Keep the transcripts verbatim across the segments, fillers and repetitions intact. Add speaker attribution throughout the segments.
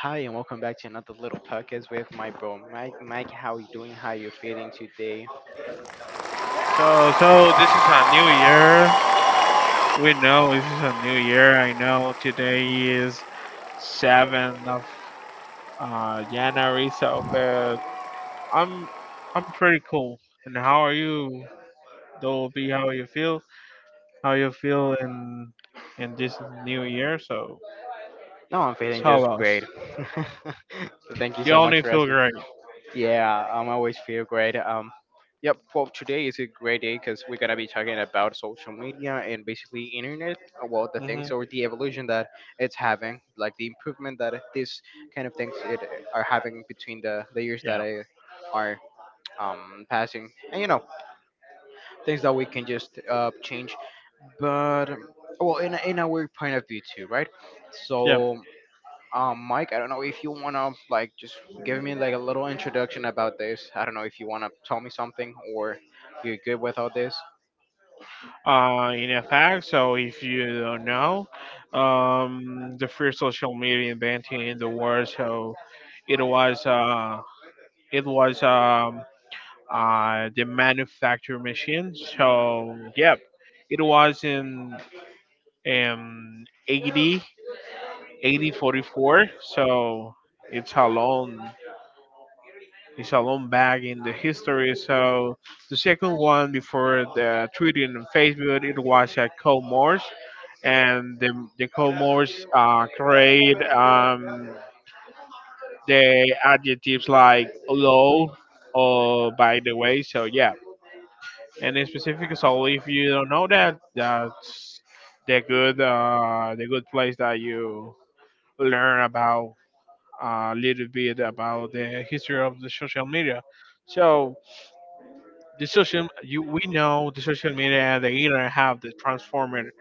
Speaker 1: Hi and welcome back to another little podcast with my bro Mike. Mike, how you doing? How you feeling today?
Speaker 2: So, so this is a new year. We know this is a new year. I know today is seventh of uh, January. So, but I'm I'm pretty cool. And how are you, Dolby? How you feel? How you feel in in this new year? So
Speaker 1: No, I'm feeling
Speaker 2: tell
Speaker 1: just
Speaker 2: us.
Speaker 1: great. Thank you
Speaker 2: You
Speaker 1: so much
Speaker 2: only
Speaker 1: for
Speaker 2: feel
Speaker 1: asking.
Speaker 2: great.
Speaker 1: Yeah, I'm always feel great. Um, yep. Well, today is a great day because we're gonna be talking about social media and basically internet. Uh, Well, the
Speaker 2: hmm
Speaker 1: things or the evolution that it's having, like the improvement that these kind of things it are having between the the years
Speaker 2: Yeah.
Speaker 1: that I are um passing, and you know things that we can just uh change but well in a, in a weird point of view too, right?
Speaker 2: Yeah.
Speaker 1: So um Mike, I don't know if you want to like just give me like a little introduction about this. I don't know if you want to tell me something or you're good with all this.
Speaker 2: Uh, in effect, so if you don't know, um, the first social media invented in the world, so it was uh, it was um, uh, the manufacturing machine. So yep, it was in um eighty eight thousand forty-four. So it's how long? It's a long back in the history. So the second one before the Twitter and Facebook, it was a Cold Morse, and the the Cold Morse uh, create um, the adjectives like low or by the way. So yeah, and in specific, so if you don't know that, that's the good uh, the good place that you learn about uh, a little bit about the history of the social media. So the social you we know the social media and the internet have the transformed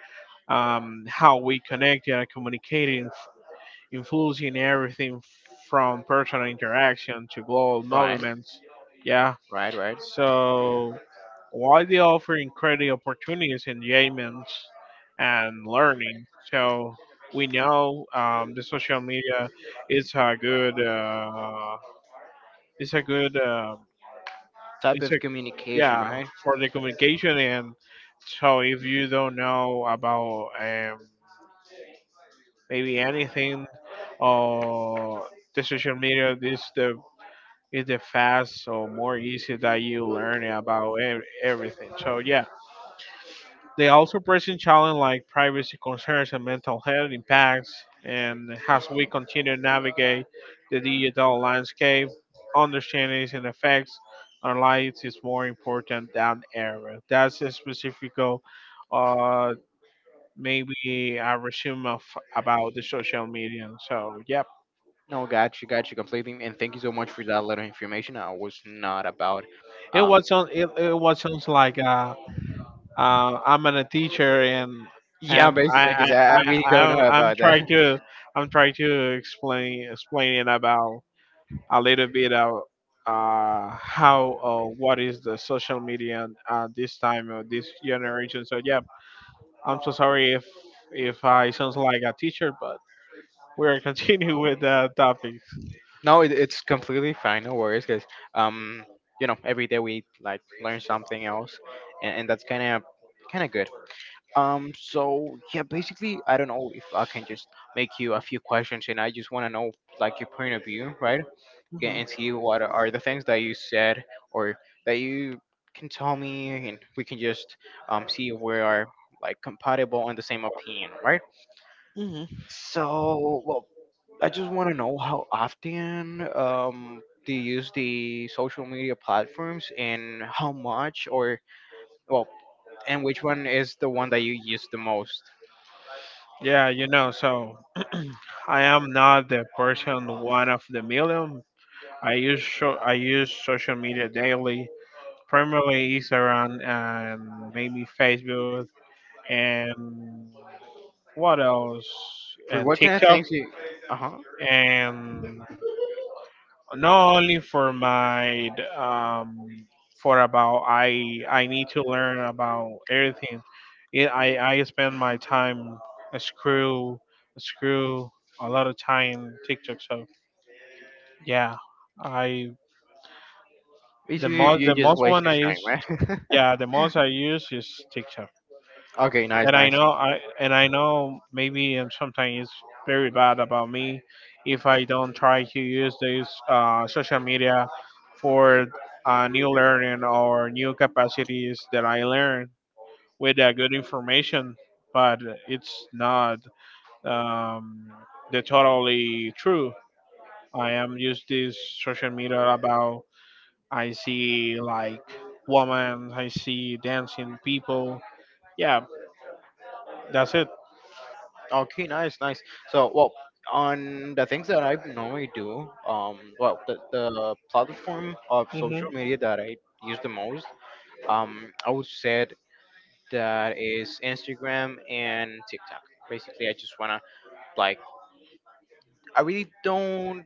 Speaker 2: um, how we connect and communicate in influencing everything from personal interaction to global
Speaker 1: Right.
Speaker 2: movements, yeah,
Speaker 1: Right, right.
Speaker 2: so while they offer incredible opportunities, engagements and learning. So we know um, the social media is a good uh, is a good um,
Speaker 1: Type
Speaker 2: it's a
Speaker 1: of communication,
Speaker 2: yeah
Speaker 1: right?
Speaker 2: for the communication. And so if you don't know about um, maybe anything or the social media this the is the fast or more easy that you learn about ev- everything. So yeah, they also present challenges like privacy concerns and mental health impacts, and as we continue to navigate the digital landscape, understanding its effects on lives is more important than ever. That's a specific, uh, maybe a resume of about the social media. So, yeah,
Speaker 1: No, got you, got you completely, and thank you so much for that little information. I was not about
Speaker 2: it
Speaker 1: um
Speaker 2: was on. It, it was sounds like uh. Uh, I'm a teacher, and
Speaker 1: yeah,
Speaker 2: I'm
Speaker 1: basically, because
Speaker 2: I,
Speaker 1: I, I
Speaker 2: I, I
Speaker 1: really don't
Speaker 2: I'm,
Speaker 1: know
Speaker 2: I'm
Speaker 1: about that.
Speaker 2: trying to I'm trying to explain explaining about a little bit of uh how uh, what is the social media at this time of this generation. So yeah, I'm so sorry if if I sounds like a teacher, but we're continuing with the topic.
Speaker 1: No, it, it's completely fine. No worries, because um, you know, every day we like learn something else, and, and that's kind of kind of good. Um, so yeah, basically, I don't know if I can just make you a few questions, and I just want to know like your point of view, right? Yeah, and
Speaker 2: hmm
Speaker 1: see what are the things that you said or that you can tell me, and we can just um see if we are like compatible on the same opinion, right?
Speaker 2: hmm
Speaker 1: So, well, I just want to know how often um, do you use the social media platforms and how much, or well, and which one is the one that you use the most?
Speaker 2: Yeah, you know, so I am not the person one of the million. I use so I use social media daily, primarily is around and maybe Facebook and what else?
Speaker 1: For
Speaker 2: And
Speaker 1: what kind of
Speaker 2: TikTok
Speaker 1: things you uh huh.
Speaker 2: and not only for my um for about I I need to learn about everything. It, I I spend my time a screw a screw a lot of time TikTok. So yeah, I the
Speaker 1: Basically, you
Speaker 2: most the
Speaker 1: you just
Speaker 2: most
Speaker 1: waste
Speaker 2: one I
Speaker 1: your time,
Speaker 2: use
Speaker 1: right?
Speaker 2: yeah the most I use is TikTok.
Speaker 1: Okay, nice,
Speaker 2: And I
Speaker 1: nice.
Speaker 2: know I and I know maybe and sometimes it's very bad about me if I don't try to use this uh, social media for uh, new learning or new capacities that I learn with uh, good information, but it's not um, the totally true. I am use this social media about I see like women, I see dancing people. Yeah, that's it.
Speaker 1: Okay, nice, nice. So well, on the things that I normally do, um well the, the platform of
Speaker 2: hmm
Speaker 1: social media that I use the most, um, I would say that is Instagram and TikTok. Basically, I just wanna like I really don't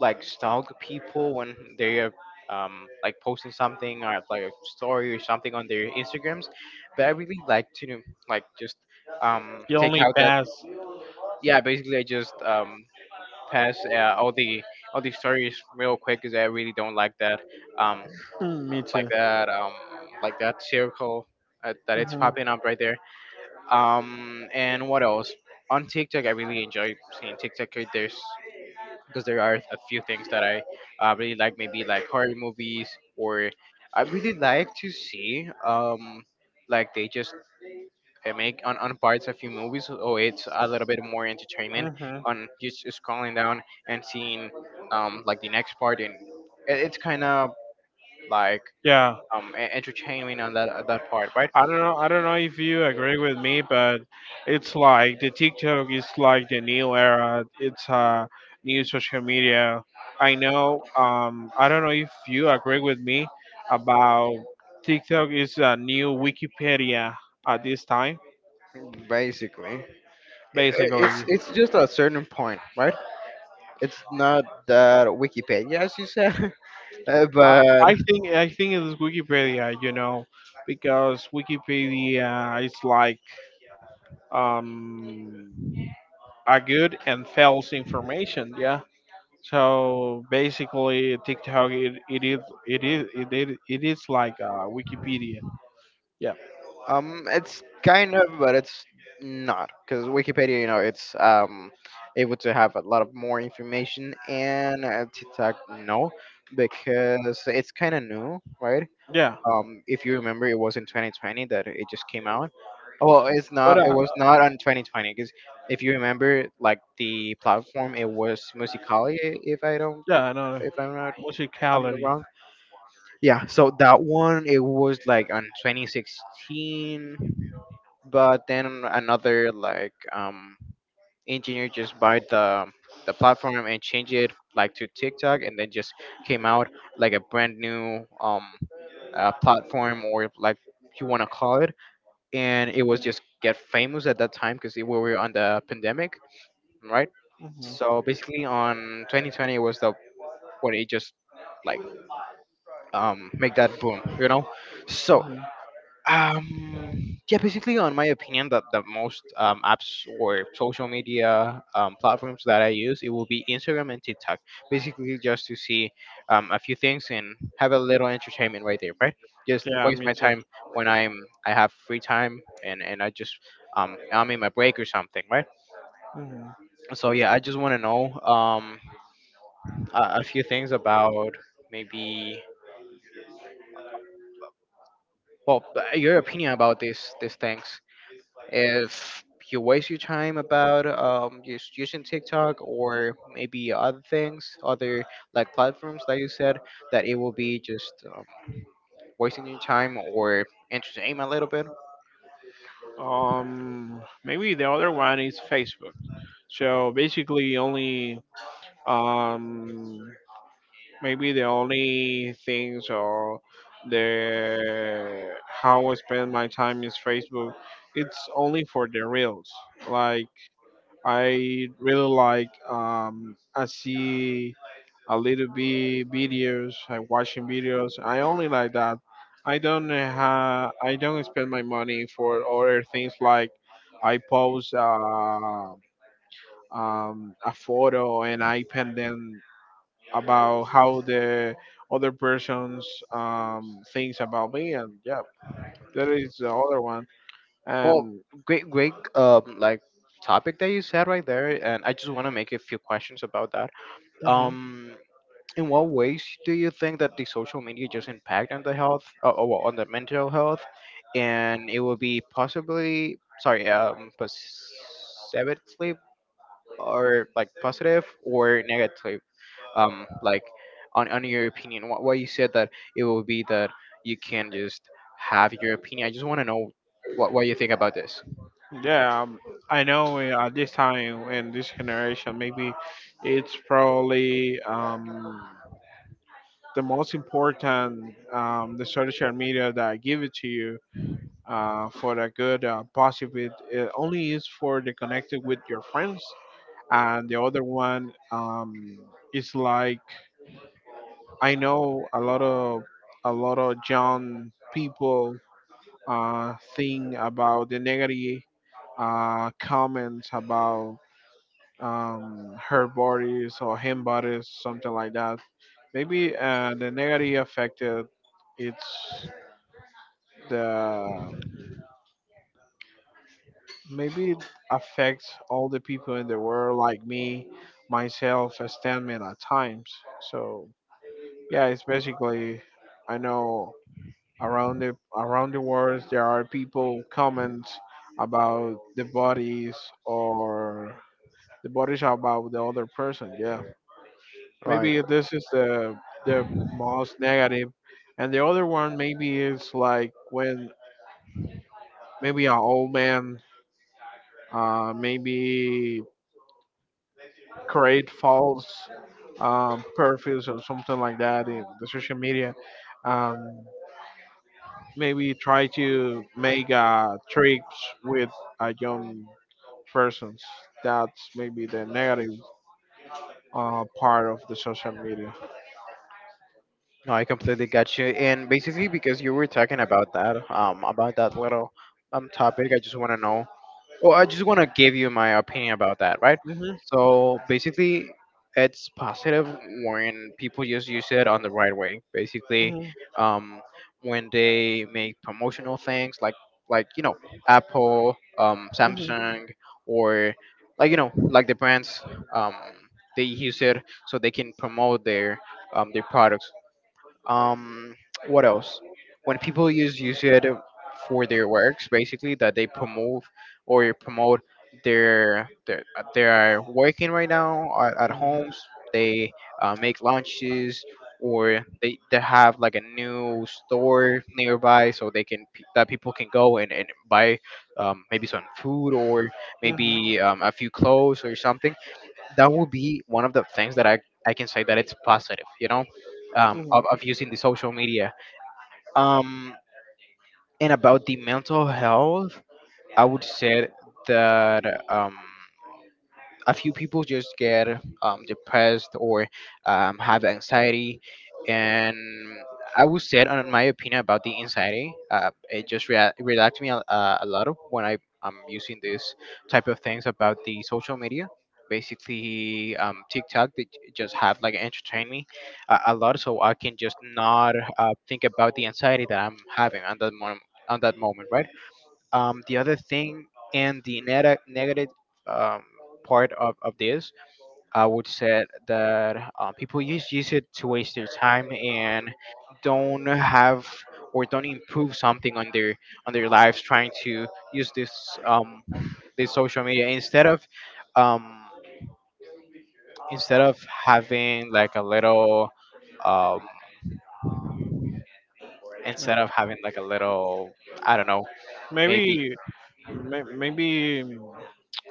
Speaker 1: like stalk people when they are um, like posting something or like a story or something on their Instagrams, but I really like to like just um,
Speaker 2: The
Speaker 1: take
Speaker 2: only
Speaker 1: out that
Speaker 2: pass.
Speaker 1: yeah. Basically, I just um, pass uh, all the all the stories real quick because I really don't like that um,
Speaker 2: Mm, me
Speaker 1: like
Speaker 2: too.
Speaker 1: that um, like that circle uh, that it's popping up right there. Um, and what else? On TikTok, I really enjoy seeing TikTok. 'Cause There's because there are a few things that I uh, really like, maybe like horror movies, or I really like to see um like they just uh, make on, on parts a few movies, so it's a little bit more entertainment
Speaker 2: hmm
Speaker 1: on just scrolling down and seeing um like the next part, and it, it's kind of like
Speaker 2: Yeah,
Speaker 1: um e- entertaining on that that part, right?
Speaker 2: I don't know. I don't know if you agree with me, but it's like the TikTok is like the new era. It's uh, new social media. I know. Um, I don't know if you agree with me about TikTok is a new Wikipedia at this time.
Speaker 1: Basically.
Speaker 2: Basically,
Speaker 1: It's
Speaker 2: I,
Speaker 1: it's just a certain point, right? It's not that Wikipedia, as you said, uh, but
Speaker 2: I think I think it's Wikipedia. You know, because Wikipedia is like um a good and false information. Yeah. So basically, TikTok it it is it is it is, it is like uh, Wikipedia. Yeah.
Speaker 1: um, it's kind of, but it's not, because Wikipedia, you know, it's um able to have a lot of more information, and uh, TikTok, no, because it's kind of new, right?
Speaker 2: Yeah.
Speaker 1: Um, if you remember, it was in twenty twenty that it just came out. Well, it's
Speaker 2: But
Speaker 1: not. It
Speaker 2: uh,
Speaker 1: was not on twenty twenty because if you remember, like the platform, it was Musical.ly, if I don't
Speaker 2: yeah, I know
Speaker 1: if I'm not I'm not
Speaker 2: musicality.
Speaker 1: wrong. Yeah, so that one it was like on twenty sixteen, but then another like um engineer just buy the the platform and change it like to TikTok, and then just came out like a brand new um uh, platform or like you want to call it, and it was just get famous at that time because we were on the pandemic, right?
Speaker 2: Mhm.
Speaker 1: So basically, on two thousand twenty was the when it just like um, make that boom, you know? So, um, yeah, basically, on my opinion, that the most um, apps or social media um, platforms that I use, it will be Instagram and TikTok, basically just to see um, a few things and have a little entertainment right there, right? Just
Speaker 2: Yeah,
Speaker 1: waste
Speaker 2: me
Speaker 1: my
Speaker 2: too.
Speaker 1: time when I'm I have free time, and and I just um, I'm in my break or something, right? So yeah, I just want to know um, a, a few things about maybe well b- your opinion about these these things if you waste your time about um just using TikTok or maybe other things, other like platforms like you said, that it will be just um, wasting your time or entertainment a little bit.
Speaker 2: Um, maybe the other one is Facebook. So basically, only um maybe the only things or the how I spend my time is Facebook. It's only for the reels. Like I really like um I see a little bit videos, I watching videos. I only like that. I don't have I don't spend my money for other things like I post uh, um, a photo and I pin them about how the other person's um, thinks about me, and yeah, that is the other one.
Speaker 1: Well,
Speaker 2: And
Speaker 1: great, great um like topic that you said right there, and I just want to make a few questions about that.
Speaker 2: mhm,
Speaker 1: Um, In what ways do you think that the social media just impact on the health, uh, uh, well, on the mental health, and it will be possibly, sorry, um, positively or like positive or negative, um, like on on your opinion, what what you said that it will be that you can just have your opinion. I just want to know what what you think about this.
Speaker 2: yeah, um, I know uh, at this time in this generation, maybe it's probably um, the most important um, the social media that I give it to you uh, for the good uh, positive. It only is for the connected with your friends, and the other one um, is like I know a lot of a lot of young people uh, think about the negative uh, comments about um, her bodies or him bodies, something like that. Maybe uh, the negative affected it's the maybe it affects all the people in the world like me, myself, as stand man at times. So yeah, it's basically I know around the around the world there are people comments about the bodies or the bodies about the other person, yeah,
Speaker 1: Right.
Speaker 2: maybe this is the the most negative. And the other one maybe is like when maybe an old man uh maybe create false um perfils or something like that in the social media, um maybe try to make uh tricks with a young persons. That's maybe the negative uh, part of the social media.
Speaker 1: No, I completely got you. And basically, because you were talking about that, um, about that little um topic, I just want to know well, I just want to give you my opinion about that, right?
Speaker 2: hmm
Speaker 1: So basically, it's positive when people just use it on the right way. Basically, um, when they make promotional things like like you know Apple, um, Samsung, or like you know like the brands, um, they use it so they can promote their um, their products um what else when people use use it for their works, basically that they promote or promote their their they are working right now at, at homes. They uh, make lunches or they, they have like a new store nearby so they can pe- that people can go and, and buy um, maybe some food or maybe um, a few clothes or something that will be one of the things that I, I can say that it's positive, you know, um,
Speaker 2: hmm
Speaker 1: of, of using the social media. Um, and about the mental health, I would say that um, a few people just get um, depressed or um, have anxiety, and I would say on my opinion about the anxiety, uh, it just rea- relaxed me a, a a lot of when I am using this type of things about the social media. Basically, um, TikTok they j- just have like entertain me a, a lot, so I can just not uh, think about the anxiety that I'm having on that moment, on that moment, right? Um, the other thing and the neg- negative um, part of, of this, I would say that uh, people use, use it to waste their time and don't have or don't improve something on their on their lives, trying to use this um, this social media instead of um, instead of having like a little um, instead of having like a little, I don't know, maybe
Speaker 2: Maybe, may, maybe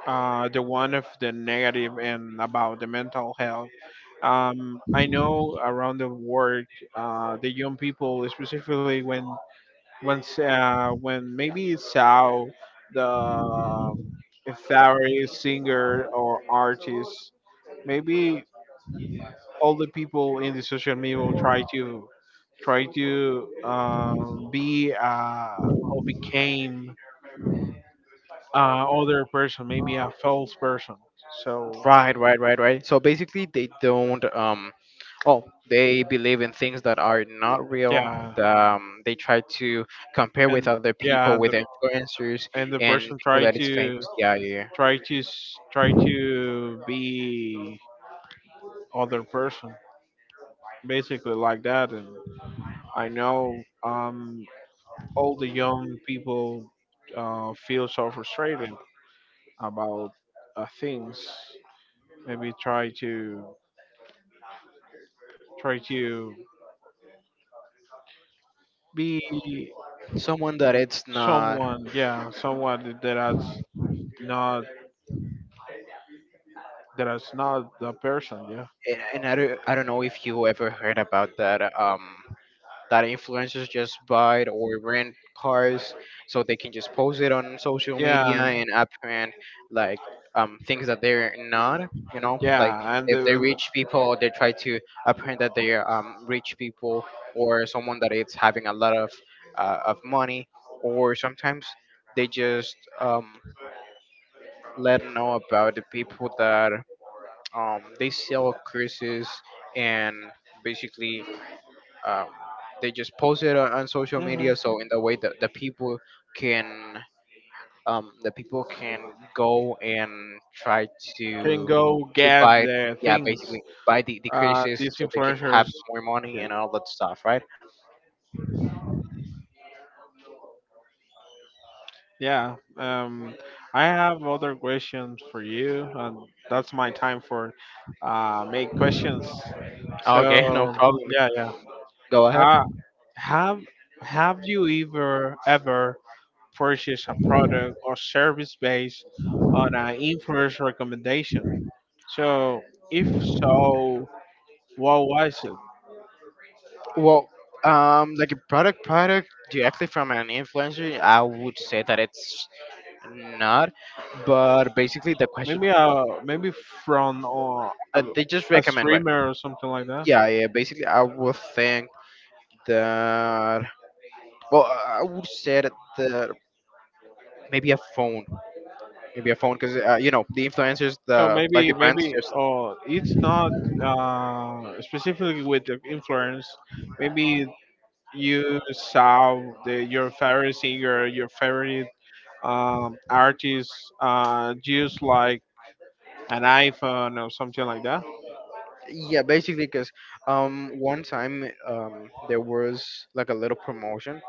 Speaker 2: uh, the one of the negative and about the mental health. Um, I know around the world, uh, the young people, specifically when when uh, when maybe it's how the um, a favorite singer or artist, maybe all the people in the social media will try to try to um, be uh, or became uh, other person, maybe a false person. So
Speaker 1: right, right, right, right. So basically, they don't. Um, oh, they believe in things that are not real.
Speaker 2: yeah,
Speaker 1: Um, they try to compare with
Speaker 2: and
Speaker 1: other people,
Speaker 2: yeah, and
Speaker 1: with
Speaker 2: the,
Speaker 1: influencers
Speaker 2: and the
Speaker 1: and
Speaker 2: person
Speaker 1: people
Speaker 2: try
Speaker 1: that is
Speaker 2: to
Speaker 1: famous. Yeah, yeah.
Speaker 2: try to s- try to be other person, basically like that. And I know um, all the young people uh, feel so frustrated about uh, things. Maybe try to try to be
Speaker 1: Yeah. Someone that it's not.
Speaker 2: someone, yeah, someone that has not that has not the person, yeah,
Speaker 1: And, and I don't, I don't know if you ever heard about that. Um, that influencers just buy or rent cars so they can just post it on social media
Speaker 2: yeah,
Speaker 1: and apprehend like um, things that they're not, you know, like
Speaker 2: yeah, and,
Speaker 1: if
Speaker 2: the-
Speaker 1: they're
Speaker 2: and the-
Speaker 1: rich people, they try to apprehend that they're um, rich people or someone that is having a lot of uh, of money, or sometimes they just um, let know about the people that um, they sell curses, and basically um, they just post it on, on social
Speaker 2: mhm,
Speaker 1: media, so in the way that the people can um, the people can go and try
Speaker 2: can
Speaker 1: to
Speaker 2: go
Speaker 1: to
Speaker 2: get
Speaker 1: buy,
Speaker 2: the
Speaker 1: yeah,
Speaker 2: things
Speaker 1: basically buy the,
Speaker 2: uh
Speaker 1: decreases,
Speaker 2: these
Speaker 1: so they can have
Speaker 2: influencers,
Speaker 1: more money
Speaker 2: yeah,
Speaker 1: and all that stuff, right?
Speaker 2: yeah, um I have other questions for you, and that's my time for uh make questions. So
Speaker 1: Okay. No problem,
Speaker 2: yeah, yeah,
Speaker 1: go ahead.
Speaker 2: uh, have have you ever ever purchase a product or service based on an influencer recommendation. So, if so, what was it?
Speaker 1: Well, um like a product product directly from an influencer, I would say that it's not, but basically the question
Speaker 2: Maybe uh maybe from uh, a,
Speaker 1: that they just
Speaker 2: a
Speaker 1: recommend, right?
Speaker 2: streamer or something like that.
Speaker 1: Yeah, yeah, basically I would think that, well, I would say that uh, maybe a phone, maybe a phone because uh, you know the influencers
Speaker 2: So
Speaker 1: the like
Speaker 2: maybe
Speaker 1: the brands
Speaker 2: maybe
Speaker 1: just
Speaker 2: uh, it's not uh, specifically with the influence. Maybe you saw the, your favorite singer, your favorite um, artist uh, use like an iPhone or something like that.
Speaker 1: yeah basically because um one time um there was like a little promotion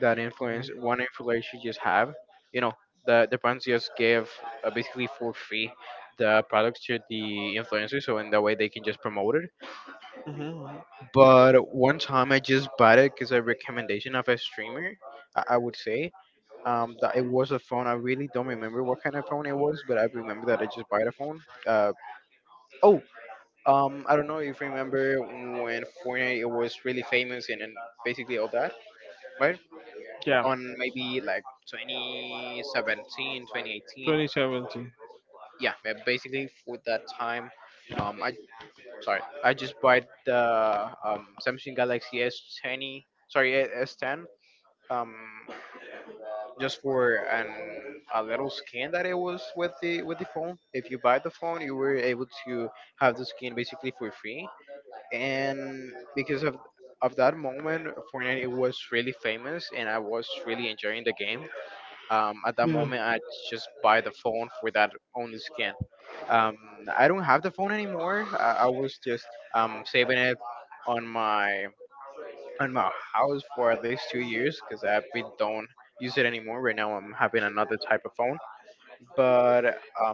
Speaker 1: that influence one influencer just have, you know, the the brands just gave uh, basically for free the products to the influencers so in that way they can just promote it.
Speaker 2: hmm
Speaker 1: But one time I just bought it because a recommendation of a streamer, I, I would say, um, that it was a phone. I really don't remember what kind of phone it was, but I remember that I just bought a phone. Uh, oh, um, I don't know if you remember when Fortnite it was really famous and, and basically all that, right?
Speaker 2: Yeah,
Speaker 1: On maybe like twenty seventeen, twenty eighteen.
Speaker 2: twenty seventeen.
Speaker 1: Yeah, uh, basically for that time, um, I sorry, I just bought the um, Samsung Galaxy S twenty, sorry, S ten, um, just for an a little skin that it was with the with the phone. If you buy the phone, you were able to have the skin basically for free. And because of of that moment, Fortnite it was really famous, and I was really enjoying the game. Um, at that
Speaker 2: Mm.
Speaker 1: moment, I just buy the phone for that only skin. Um, I don't have the phone anymore. I, I was just um, saving it on my in my house for at least two years because we don't use it anymore. Right now, I'm having another type of phone. But um,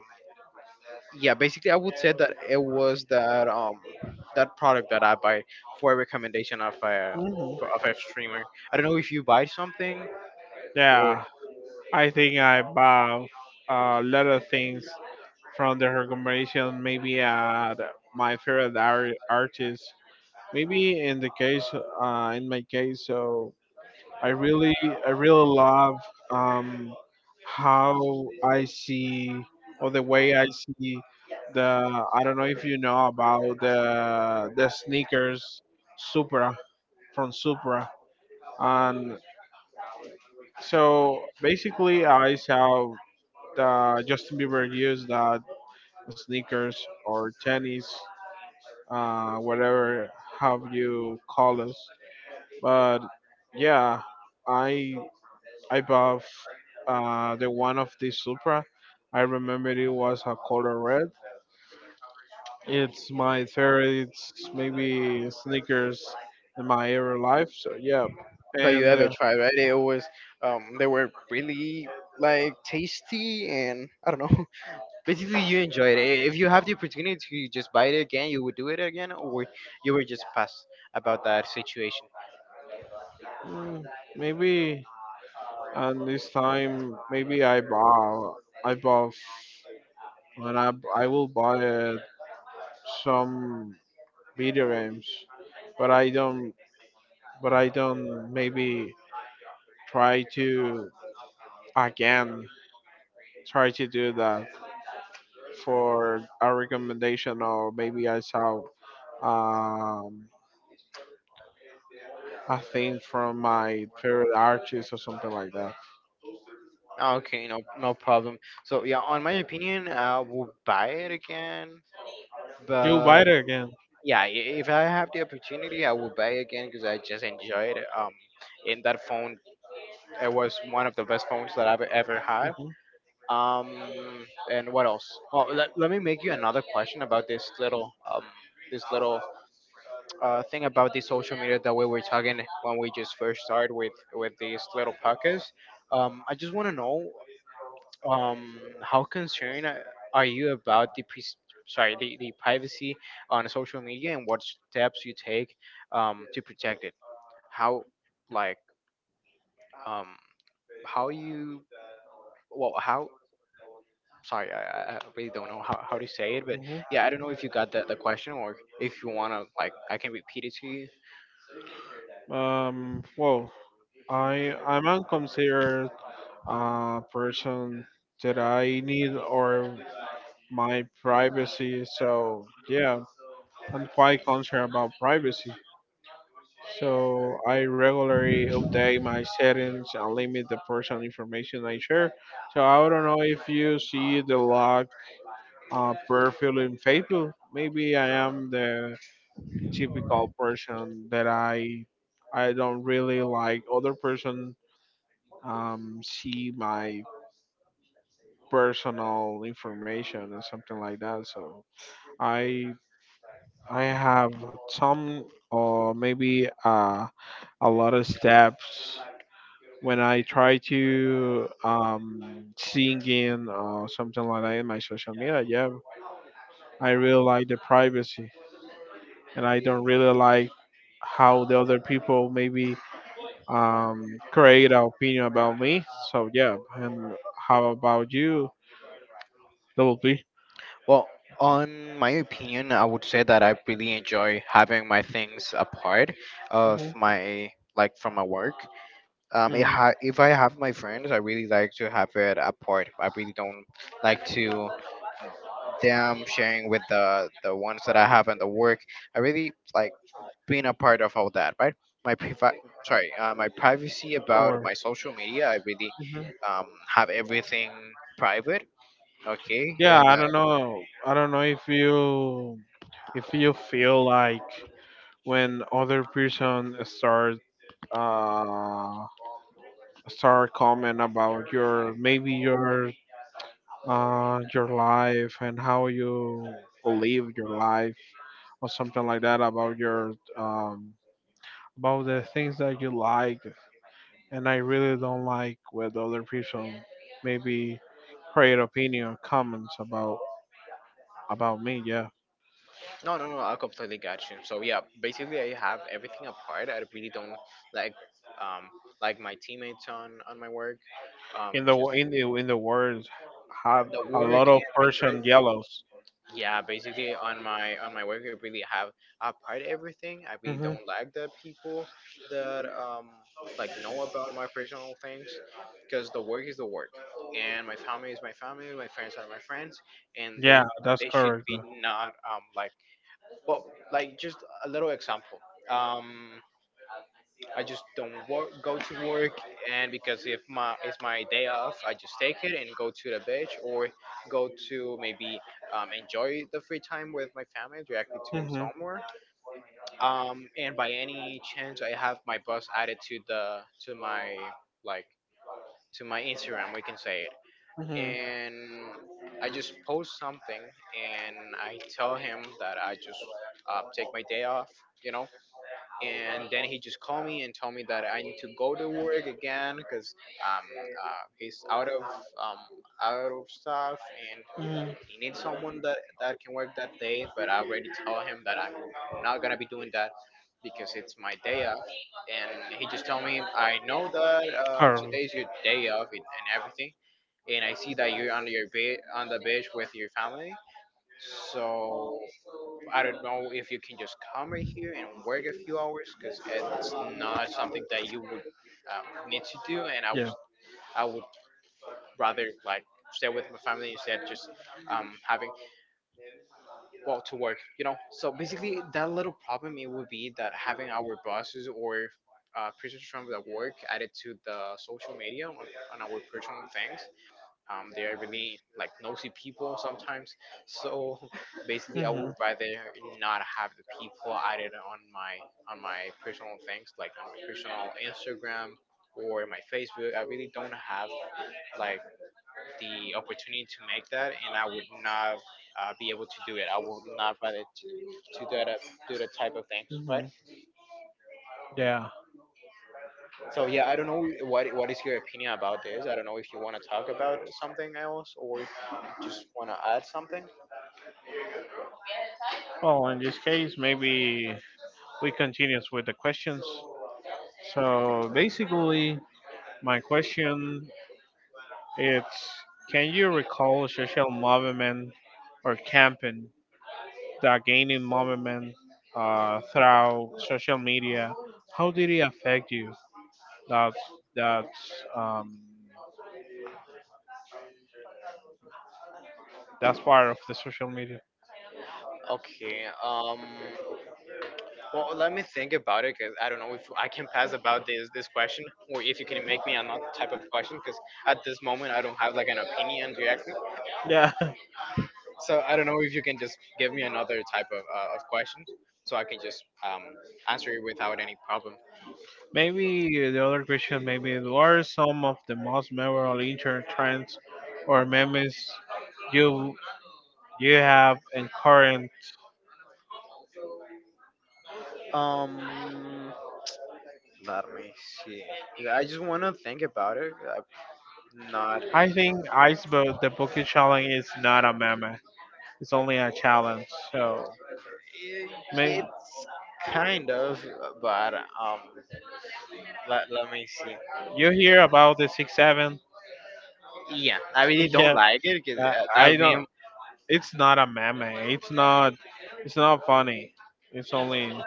Speaker 1: yeah, basically, I would say that it was that um that product that I buy for a recommendation of a for- of a streamer. I don't know if you buy something or
Speaker 2: Yeah, I think I bought a lot of things from the recommendation. Maybe at my favorite art- artist. Maybe in the case, uh, in my case, so I really, I really love um, how I see or the way I see the. I don't know if you know about the the sneakers Supra, from Supra. And. So basically, I saw the Justin Bieber use that sneakers or tennis, uh, whatever have you call us. But yeah, I I bought uh, the one of the Supra. I remember it was a color red. It's my favorite, it's maybe sneakers in my ever life. So yeah,
Speaker 1: that you
Speaker 2: and
Speaker 1: ever
Speaker 2: uh,
Speaker 1: tried. Right? It was um they were really like tasty and I don't know. Basically, you enjoy it. I- If you have the opportunity to just buy it again, you would do it again, or you were just past about that situation.
Speaker 2: mm, maybe and this time maybe I buy I buy when I I will buy uh, some video games, but I don't but I don't maybe try to again try to do that for a recommendation, or maybe I saw um, a thing from my favorite artist or something like that.
Speaker 1: Ah, Okay, no, no problem. So yeah, on my opinion, I will buy it again.
Speaker 2: You buy
Speaker 1: But
Speaker 2: it again.
Speaker 1: yeah, i- if I have the opportunity, I will buy it again because I just enjoyed it. Um, in that phone, it was one of the best phones that I've ever had. Um, and what else? Oh, let, let me make you another question about this little um this little uh, thing about the social media that we were talking when we just first started with with this little podcast. Um, I just want to know um, how concerned a- are you about the pre- sorry the, the privacy on social media and what steps you take um, to protect it. How like um, how you well how sorry I, I I really don't know how, how to say it, but
Speaker 2: Mhm.
Speaker 1: yeah, I don't know if you got the, the question or if you wanna like I can repeat it to you.
Speaker 2: Um, well, I I might consider uh, person that I need or my privacy. So yeah, I'm quite concerned about privacy. So I regularly update my settings and limit the personal information I share. So I don't know if you see the log uh, profile in Facebook. Maybe I am the typical person that I I don't really like other person um, see my personal information and something like that. So I I have some or maybe uh, a lot of steps when I try to um, singing or something like that in my social media. Yeah, I really like the privacy, and I don't really like how the other people maybe um, create an opinion about me. So yeah, and how about you, Double B?
Speaker 1: Well, on my opinion, I would say that I really enjoy having my things apart of my like from my work. Um, it
Speaker 2: Mm,
Speaker 1: ha- if I have my friends, I really like to have it apart. I really don't like to them sharing with the the ones that I have in the work. I really like being a part of all that, right? My priva- sorry, uh, my privacy about
Speaker 2: sure.
Speaker 1: my social media. I really um, have everything private. Okay,
Speaker 2: Yeah,
Speaker 1: and
Speaker 2: I don't know. I don't know if you if you feel like when other person start uh start comment about your, maybe your uh your life, and how you live your life or something like that about your um about the things that you like. And I really don't like with other people maybe create opinion comments about about me, yeah,
Speaker 1: no, no, no. I completely got you. So yeah, basically I have everything apart. I really don't like um like my teammates on on my work. Um,
Speaker 2: in the wo-
Speaker 1: just
Speaker 2: in the in the world have
Speaker 1: the
Speaker 2: a
Speaker 1: work
Speaker 2: lot of
Speaker 1: and my
Speaker 2: Persian
Speaker 1: trade.
Speaker 2: yellows.
Speaker 1: Yeah, basically on my on my work, I really have apart everything. I really
Speaker 2: hmm
Speaker 1: don't like the people that um like know about my personal things because the work is the work, and my family is my family. My friends are my friends, and
Speaker 2: Yeah,
Speaker 1: they
Speaker 2: that's
Speaker 1: they should
Speaker 2: correct.
Speaker 1: be not um like well, like just a little example. Um, I just don't work, go to work, and because if my it's my day off, I just take it and go to the beach or go to maybe um, enjoy the free time with my family directly to
Speaker 2: Mm-hmm.
Speaker 1: somewhere. Um, and by any chance, I have my boss added to the to my like to my Instagram, we can say it,
Speaker 2: Mm-hmm.
Speaker 1: and I just post something and I tell him that I just uh, take my day off, you know, and then he just called me and told me that I need to go to work again because um uh, he's out of um out of stuff and he needs someone that that can work that day. But I already told him that I'm not gonna be doing that because it's my day off. And he just told me, I know that uh,
Speaker 2: Currently,
Speaker 1: today's your day off and, and everything, and I see that you're on your bed on the beach with your family. So I don't know if you can just come right here and work a few hours because it's not something that you would um, need to do. And I
Speaker 2: yeah.
Speaker 1: was, I would rather like stay with my family instead of just um, having well to work. You know. So basically, that little problem it would be that having our bosses or uh, prisoners from the work added to the social media on, on our personal things, um, they are really like nosy people sometimes. So basically, I
Speaker 2: Mm-hmm.
Speaker 1: would rather not have the people added on my on my personal things, like on my personal Instagram or my Facebook. I really don't have like the opportunity to make that, and I would not uh, be able to do it. I would not rather to to do that do that type of things,
Speaker 2: Mm-hmm.
Speaker 1: right?
Speaker 2: Yeah.
Speaker 1: So yeah, I don't know what what is your opinion about this. I don't know if you want to talk about something else or just want to add something.
Speaker 2: Oh, in this case, maybe we continue with the questions. So basically, my question is: Can you recall social movement or campaign that gaining movement uh, through social media? How did it affect you? That's that's um that's part of the social media.
Speaker 1: Okay. Um. Well, let me think about it because I don't know if I can pass about this this question or if you can make me another type of question because at this moment I don't have like an opinion directly.
Speaker 2: Yeah.
Speaker 1: So I don't know if you can just give me another type of uh, of question so I can just um answer it without any problem.
Speaker 2: Maybe the other question maybe what are some of the most memorable internet trends or memes you you have in current.
Speaker 1: Um. Let me see. 'Cause I just want to think about it. I'm not.
Speaker 2: I think Ice Boat the Bookie Challenge is not a meme. It's only a challenge. So maybe
Speaker 1: It's kind of, but um. let Let me see.
Speaker 2: you hear about the six seven.
Speaker 1: Yeah, I really don't
Speaker 2: Yeah.
Speaker 1: like it because
Speaker 2: Uh,
Speaker 1: uh,
Speaker 2: I
Speaker 1: that
Speaker 2: don't.
Speaker 1: meme,
Speaker 2: It's not a meme. It's not. It's not funny. It's only.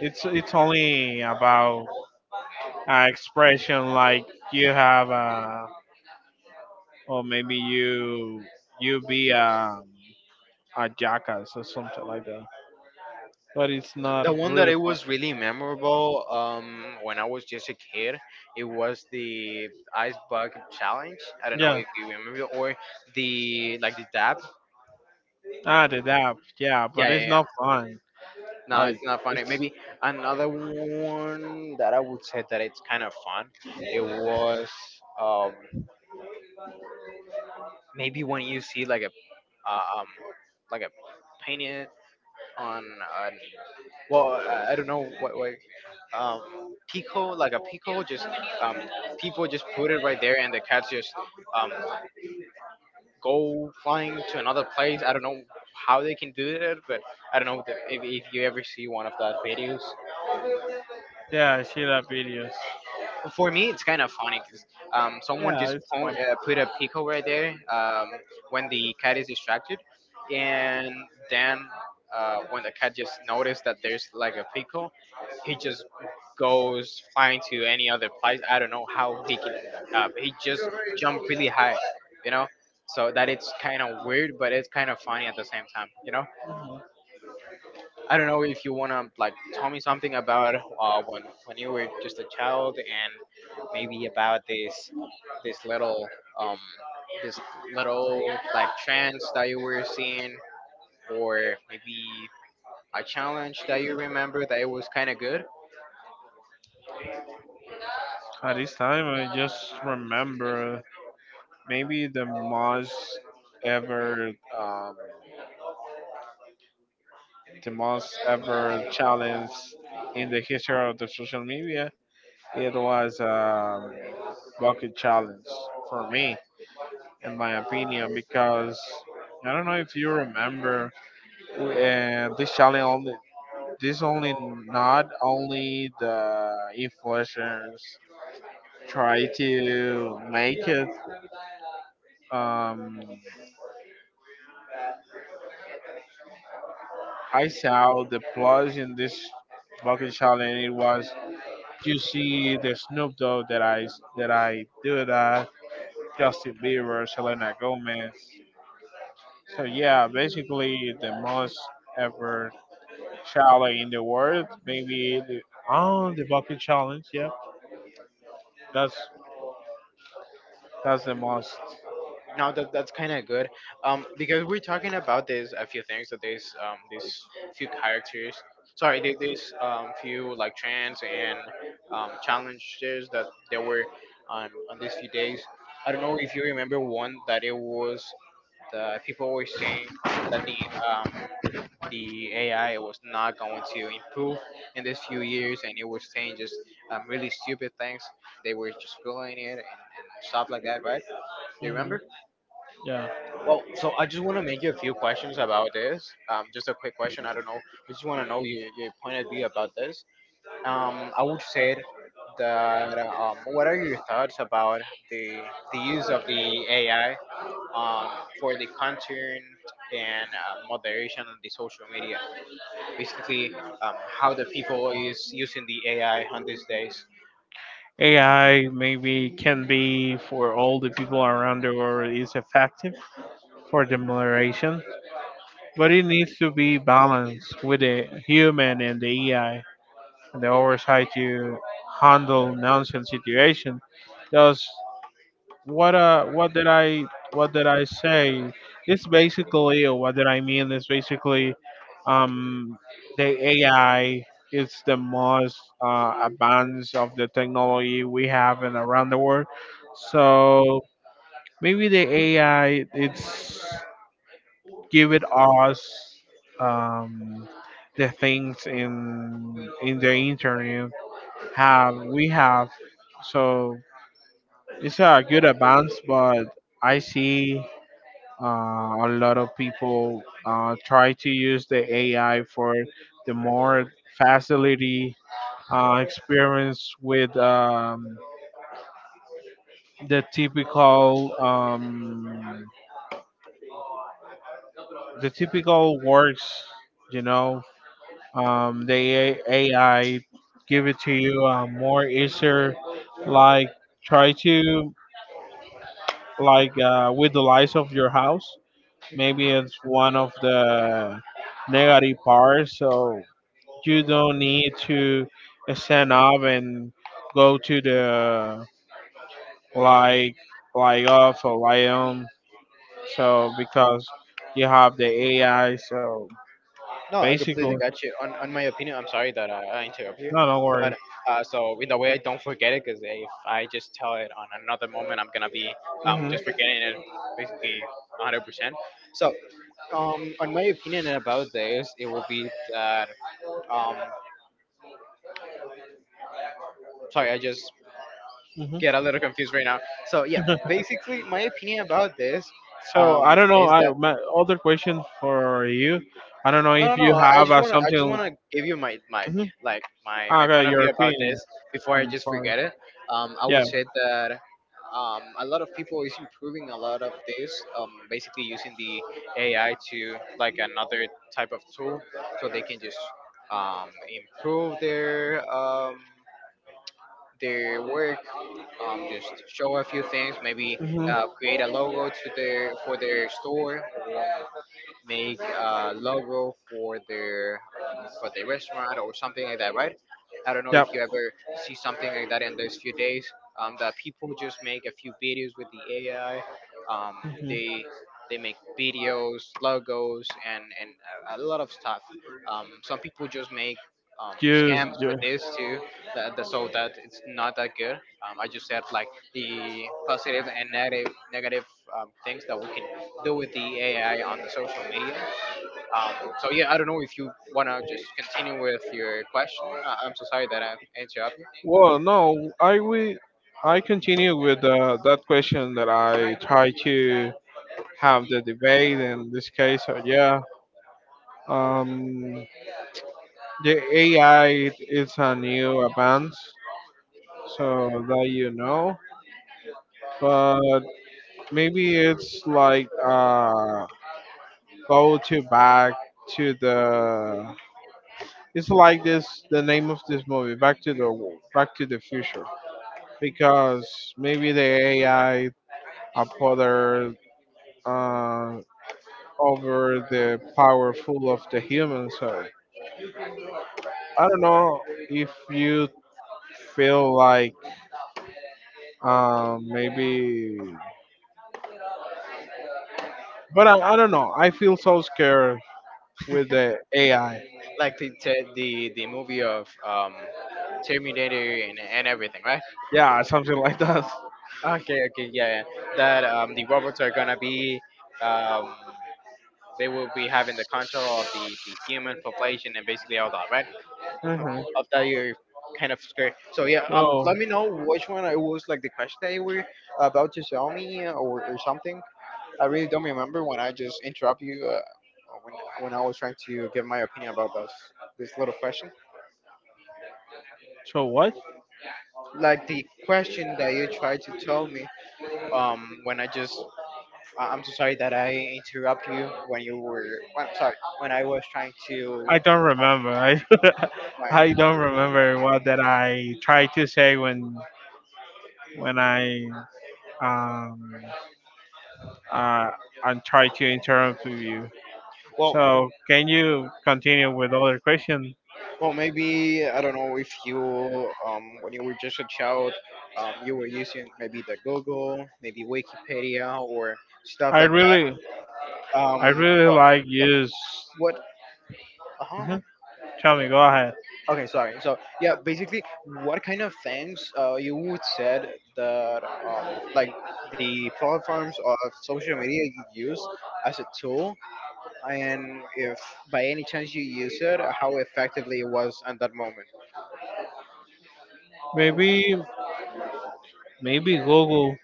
Speaker 2: It's it's only about uh, expression like you have a, or maybe you you be a a jackass or something like that. But it's not
Speaker 1: the one that
Speaker 2: really
Speaker 1: it
Speaker 2: fun.
Speaker 1: was really memorable, um, when I was just a kid, it was the ice bucket challenge. I don't know
Speaker 2: Yeah,
Speaker 1: if you remember, or the like the dab.
Speaker 2: ah the dab. Yeah,
Speaker 1: Yeah,
Speaker 2: but
Speaker 1: yeah,
Speaker 2: it's
Speaker 1: yeah.
Speaker 2: not fun.
Speaker 1: No,
Speaker 2: I
Speaker 1: it's not funny.
Speaker 2: it's
Speaker 1: Maybe another one that I would say that it's kind of fun. It was um, maybe when you see like a uh, um, like a painted on an, well, I I don't know what, what, um, pickle, like a pico, just um, people just put it right there, and the cats just um, go flying to another place. I don't know how they can do that, but I don't know if, if if you ever see one of that videos.
Speaker 2: yeah, I see that videos.
Speaker 1: Well, for me, it's kind of funny because um, someone
Speaker 2: Yeah,
Speaker 1: just
Speaker 2: it's
Speaker 1: po- uh, put a pickle right there, um, when the cat is distracted, and then uh, when the cat just noticed that there's like a pickle, he just goes flying to any other place. I don't know how he can. Uh, he just jumped really high, you know. So that it's kind of weird, but it's kind of funny at the same time, you know. I don't know if you wanna like tell me something about uh, when when you were just a child and maybe about this this little um this little like trance that you were seeing or maybe a challenge that you remember that it was kind of good.
Speaker 2: fun. At this time I just remember maybe the most ever um, the most ever challenge in the history of the social media. It was a bucket challenge for me, in my opinion, because I don't know if you remember we- uh, this challenge only. This only not only the influencers try to make it. Um, I saw the plus in this bucket challenge. It was, you see the Snoop Dogg that I that I do that, Justin Bieber, Selena Gomez. So yeah, basically the most ever challenge in the world, maybe the oh the bucket challenge. Yeah, that's that's the most.
Speaker 1: No, that that's kind of good. Um, because we're talking about this a few things that there's um these few characters. Sorry, there- there's um few like trends and um challenges that there were on on these few days. I don't know if you remember one that it was the people were saying that the um the A I was not going to improve in these few years, and it was saying just um really stupid things. They were just building it and, and stuff like that, right? Do you remember?
Speaker 2: Yeah,
Speaker 1: Well, so I just want to make you a few questions about this. Um, just a quick question. I don't know. I just want to know your, your point of view about this. Um, I would say that um, what are your thoughts about the the use of the A I, um, for the content and uh, moderation on the social media? Basically, um, how the people is using the A I on these days.
Speaker 2: A I maybe can be for all the people around the world is effective for the moderation, but it needs to be balanced with the human and the A I and the oversight to handle nonsense situation. Thus, what uh what did I what did I say? It's basically what did I mean is basically um the A I is the most uh, advanced of the technology we have in around the world. So maybe the A I it's give it us um the things in in the internet have we have, so it's a good advance, but I see uh, a lot of people uh, try to use the A I for the more facility uh, experience with um, the typical um, the typical works. You know, um, the A- AI give it to you uh, more easier. Like try to like uh, with the lights of your house. Maybe it's one of the negative parts. So you don't need to stand up and go to the like like off or lion so because you have the A I so
Speaker 1: No, I completely
Speaker 2: basically
Speaker 1: got you. On, on my opinion, I'm sorry that I, I interrupt you,
Speaker 2: no no
Speaker 1: but
Speaker 2: worries.
Speaker 1: uh, so in the way I don't forget it, because if I just tell it on another moment, I'm gonna be um,
Speaker 2: Hmm.
Speaker 1: just forgetting it basically one hundred percent. So, um, on my opinion about this, it will be that um, sorry, I just
Speaker 2: Hmm.
Speaker 1: get a little confused right now. So yeah, basically my opinion about this
Speaker 2: So
Speaker 1: um,
Speaker 2: I don't know.
Speaker 1: is
Speaker 2: I my other question for you. I don't know if
Speaker 1: no, no,
Speaker 2: you
Speaker 1: no. I
Speaker 2: have
Speaker 1: just
Speaker 2: uh,
Speaker 1: wanna, I just
Speaker 2: something.
Speaker 1: wanna give you my, my,
Speaker 2: Hmm.
Speaker 1: like my, my
Speaker 2: Okay,
Speaker 1: point of
Speaker 2: your
Speaker 1: view about
Speaker 2: opinion.
Speaker 1: this before I just
Speaker 2: Sorry.
Speaker 1: forget it. Um, I
Speaker 2: Yeah.
Speaker 1: would say that um, a lot of people is improving a lot of this. Um, basically using the A I to like another type of tool, so they can just um, improve their um, their work. Um, just show a few things, maybe
Speaker 2: Hmm.
Speaker 1: uh, create a logo to their for their store, or make a logo for their for the restaurant or something like that, right? I don't know
Speaker 2: Yep.
Speaker 1: if you ever see something like that in those few days. Um, that people just make a few videos with the A I. Um,
Speaker 2: Hmm.
Speaker 1: they they make videos, logos, and and a, a lot of stuff. Um, some people just make um,
Speaker 2: You,
Speaker 1: scams
Speaker 2: you.
Speaker 1: with this too. That, that so that it's not that good. Um, I just said like the positive and negative negative um, things that we can do with the A I on the social media. Um, so yeah, I don't know if you wanna just continue with your question. I- I'm so sorry that I interrupt you.
Speaker 2: Well, no, I will. I continue with uh, that question that I try to have the debate in this case. Uh, yeah, um, the A I is a new advance, so that you know. But maybe it's like uh, go to back to the. It's like this. The name of this movie, Back to the Back to the Future, because maybe the A I a other uh, over the powerful of the human so I don't know if you feel like uh, maybe, but I, I don't know. I feel so scared with the A I.
Speaker 1: Like the te- the the movie of um, Terminator and and everything, right?
Speaker 2: Yeah, something like that.
Speaker 1: Okay, okay, yeah, yeah. That um, the robots are gonna be um, they will be having the control of the the human population and basically all that, right?
Speaker 2: Hmm.
Speaker 1: of that you're kind of scared. So yeah, um,
Speaker 2: Well,
Speaker 1: let me know which one it was like the question that you were about to tell me or or something. I really don't remember when I just interrupt you uh, when when I was trying to give my opinion about this this little question.
Speaker 2: so what?
Speaker 1: Like the question that you tried to tell me um, when I just I- I'm so sorry that I interrupt you when you were I'm sorry when I was trying to
Speaker 2: I don't remember. I
Speaker 1: my
Speaker 2: I don't remember what that I tried to say when when I um uh I tried to interrupt you.
Speaker 1: well
Speaker 2: So can you continue with other question?
Speaker 1: well maybe I don't know if you um, when you were just a child. Um, you were using maybe the Google, maybe Wikipedia, or stuff
Speaker 2: I
Speaker 1: like
Speaker 2: really,
Speaker 1: that.
Speaker 2: I
Speaker 1: Um, so,
Speaker 2: really like use.
Speaker 1: what? Uh-huh.
Speaker 2: Mhm. Tell me, go ahead.
Speaker 1: Okay, sorry. So yeah, basically, what kind of things uh, you would said that um, like the platforms of social media you use as a tool, and if by any chance you use it, how effectively it was at that moment?
Speaker 2: Maybe, maybe Google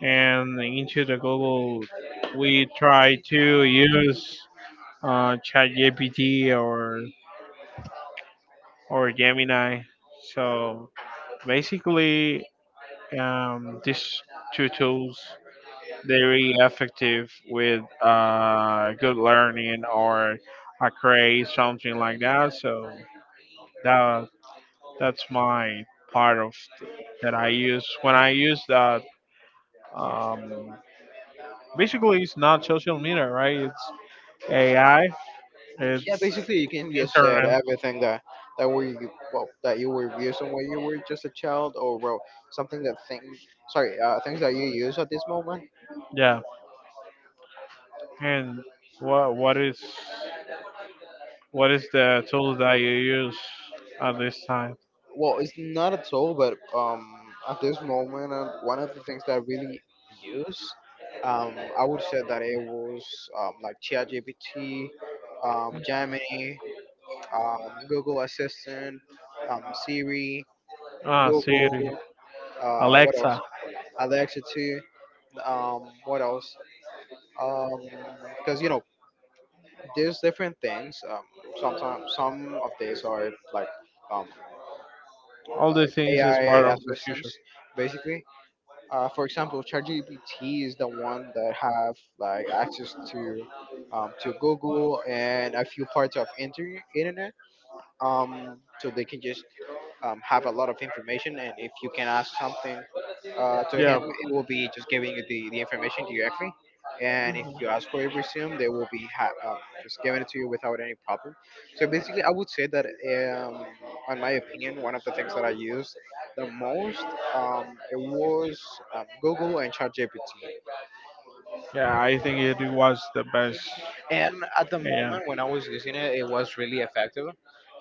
Speaker 2: and into the Google, we try to use uh, ChatGPT or or Gemini. So basically, um, these two tools very effective with uh, good learning or a craze, something like that. So that that's my part of th- that I use when I use that. Um, basically, it's not social media, right? It's A I.
Speaker 1: Yeah,
Speaker 2: It's
Speaker 1: basically, you can just said
Speaker 2: internet.
Speaker 1: everything that that were you, well that you were using when you were just a child, or well something that thing sorry uh, things that you use at this moment.
Speaker 2: Yeah. And what what is what is the tool that you use at this time?
Speaker 1: Well, it's not at all, but um, at this moment, uh, one of the things that I really use, um, I would say that it was um, like ChatGPT, um, Gemini, um, Google Assistant, um, Siri,
Speaker 2: Ah,
Speaker 1: Google,
Speaker 2: Siri,
Speaker 1: uh, what else?
Speaker 2: Alexa.
Speaker 1: Alexa too. Um, what else? Because you know, there's different things. Um, sometimes some of these are like um,
Speaker 2: All the things
Speaker 1: like
Speaker 2: is part
Speaker 1: A I
Speaker 2: of the future.
Speaker 1: assistants, basically uh, for example, ChatGPT is the one that have like access to um, to Google and a few parts of inter- internet, um, so they can just um, have a lot of information. And if you can ask something uh, to him,
Speaker 2: Yeah,
Speaker 1: it will be just giving you the, the information directly. And if you ask for a resume, they will be ha- um, just giving it to you without any problem. So basically, I would say that, um, on my opinion, one of the things that I used the most um, it was um, Google and ChatGPT.
Speaker 2: yeah, I think it was the best.
Speaker 1: And at the
Speaker 2: Yeah,
Speaker 1: moment when I was using it, it was really effective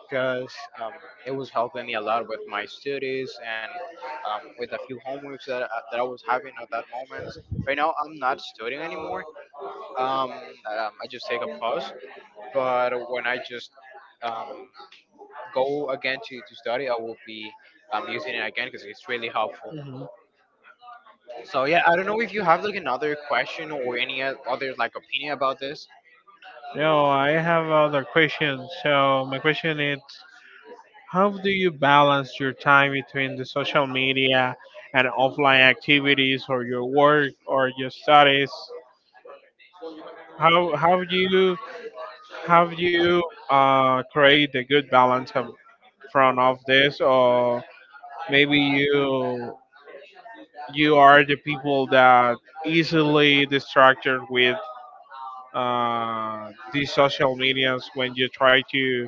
Speaker 1: because um, it was helping me a lot with my studies and um, with a few homeworks that, I- that I was having at that moment. Right now, I'm not studying anymore. Um, um, I just take a pause. But when I just um, go again to, to study, I will be um, using it again because it's really helpful. So yeah, I don't know if you have like another question or any o- other like opinion about this.
Speaker 2: now I have other questions. So my question is, how do you balance your time between the social media and offline activities, or your work, or your studies? How how do you how do you uh, create a good balance of, from of this, or maybe you you are the people that easily distracted with uh, these social medias when you try to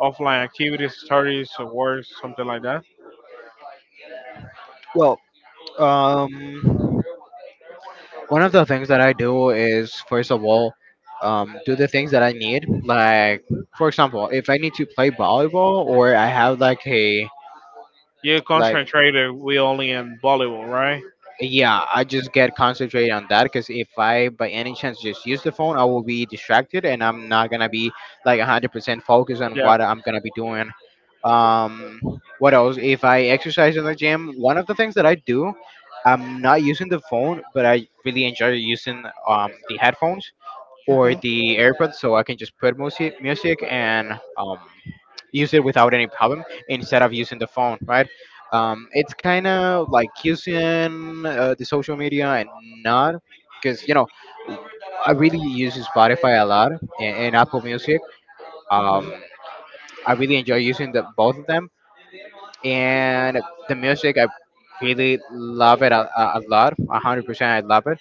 Speaker 2: offline activities, studies, or work, something like that.
Speaker 1: Well, um, one of the things that I do is, first of all, um, do the things that I need. Like, for example, if I need to play volleyball or I have like a,
Speaker 2: You
Speaker 1: like,
Speaker 2: concentrated we only in volleyball, right?
Speaker 1: yeah, I just get concentrated on that because if I, by any chance, just use the phone, I will be distracted and I'm not gonna be like one hundred percent focused on
Speaker 2: Yeah.
Speaker 1: what I'm gonna be doing. Um, what else? If I exercise in the gym, one of the things that I do, I'm not using the phone, but I really enjoy using um the headphones or
Speaker 2: Hmm.
Speaker 1: the AirPods, so I can just put music, music and um, use it without any problem instead of using the phone, right? Um, it's kind of like using uh, the social media and not because you know I really use Spotify a lot and, and Apple Music. Um, I really enjoy using the both of them, and the music I really love it a, a a lot, a hundred percent. I love it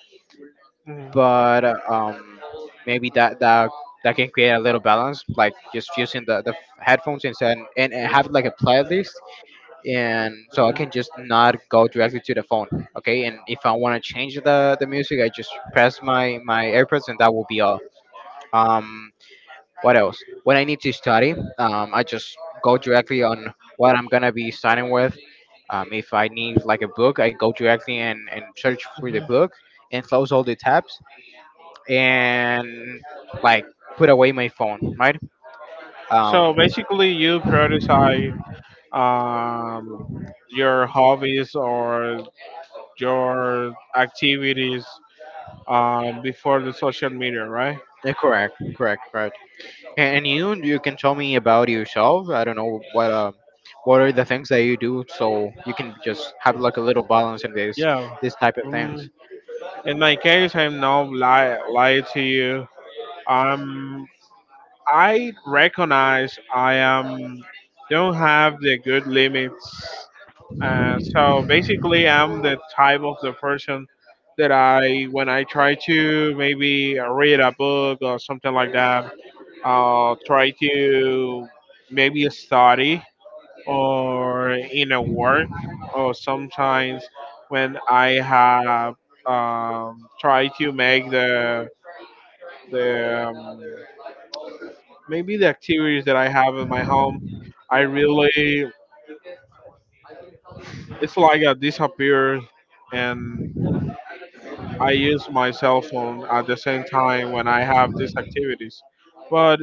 Speaker 2: Hmm.
Speaker 1: but uh, um, maybe that that that can create a little balance, like just using the, the headphones instead and, and have like a playlist, and so I can just not go directly to the phone, okay? And if I want to change the the music, I just press my my AirPods, and that will be all. Um, what else? When I need to study, um, I just go directly on what I'm gonna be starting with. Um, if I need like a book, I go directly and, and search for the book and close all the tabs and like put away my phone, right? Um,
Speaker 2: So basically, you prioritize um, your hobbies or your activities um, before the social media, right?
Speaker 1: yeah, correct, correct, correct. And, and you, you can tell me about yourself. I don't know what um, what are the things that you do, so you can just have like a little balance in this
Speaker 2: Yeah.
Speaker 1: this type of things.
Speaker 2: Mm. In my case, I'm not lie lie to you. I'm I recognize I am don't have the good limits. Uh, so basically, I'm the type of the person that I when I try to maybe read a book or something like that, I'll try to maybe study or in a work or sometimes when I have um, try to make the the um, maybe the activities that I have in my home, I really, it's like I disappear and I use my cell phone at the same time when I have these activities. But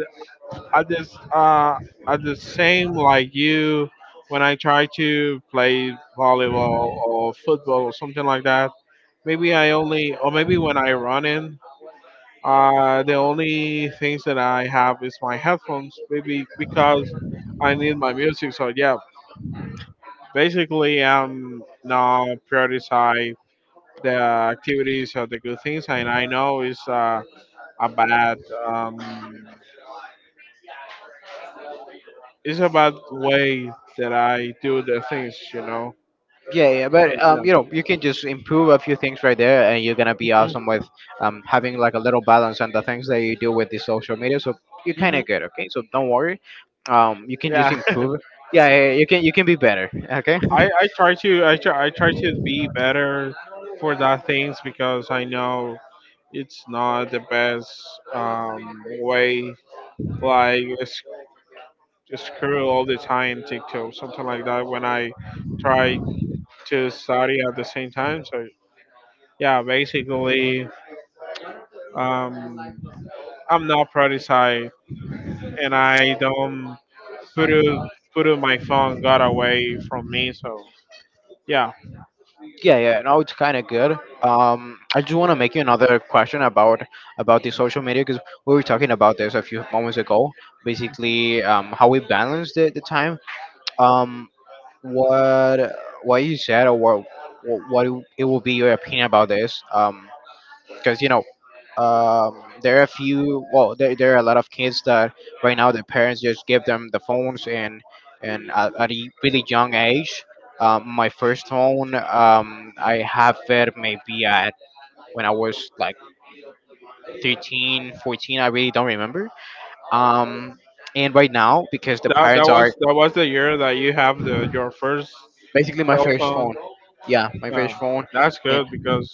Speaker 2: at this, uh, at the same like you, when I try to play volleyball or football or something like that, maybe I only, or maybe when I run in, uh, the only things that I have is my headphones, maybe because I need my music. So yeah, basically, I'm now prioritize the activities or the good things, and I know it's uh, a bad um, it's a bad way that I do the things, you know.
Speaker 1: Yeah, yeah,
Speaker 2: So,
Speaker 1: but
Speaker 2: yeah.
Speaker 1: um, you know, you can just improve a few things right there, and you're gonna be awesome with um having like a little balance on the things that you do with the social media. So you're kind of
Speaker 2: Mhm.
Speaker 1: good, okay? So don't worry. Um, you can just
Speaker 2: Yeah.
Speaker 1: improve. Yeah, yeah, you can you can be better, okay?
Speaker 2: I, I try to I try, I try to be better for that things because I know it's not the best um, way like sc- scroll all the time TikTok something like that when I try to study at the same time. So yeah, basically, um, I'm not prioritized, and I don't put it- put it- my phone got away from me. So yeah,
Speaker 1: Yeah, yeah, no, it's kind of good. Um, I just want to make you another question about about the social media because we were talking about this a few moments ago. Basically, um, how we balance the, the time. Um, what what you said or what what it will be your opinion about this? Um, because you know um, there are a few. Well, there, there are a lot of kids that right now their parents just give them the phones and and at, at a really young age. Um, my first phone, um, I have it maybe at when I was like thirteen, fourteen. I really don't remember. Um, and right now because the
Speaker 2: that that
Speaker 1: parents are
Speaker 2: was that was the year that you have the your first
Speaker 1: basically my
Speaker 2: cell
Speaker 1: first phone.
Speaker 2: phone.
Speaker 1: Yeah, my
Speaker 2: Yeah,
Speaker 1: first phone,
Speaker 2: that's
Speaker 1: and
Speaker 2: good because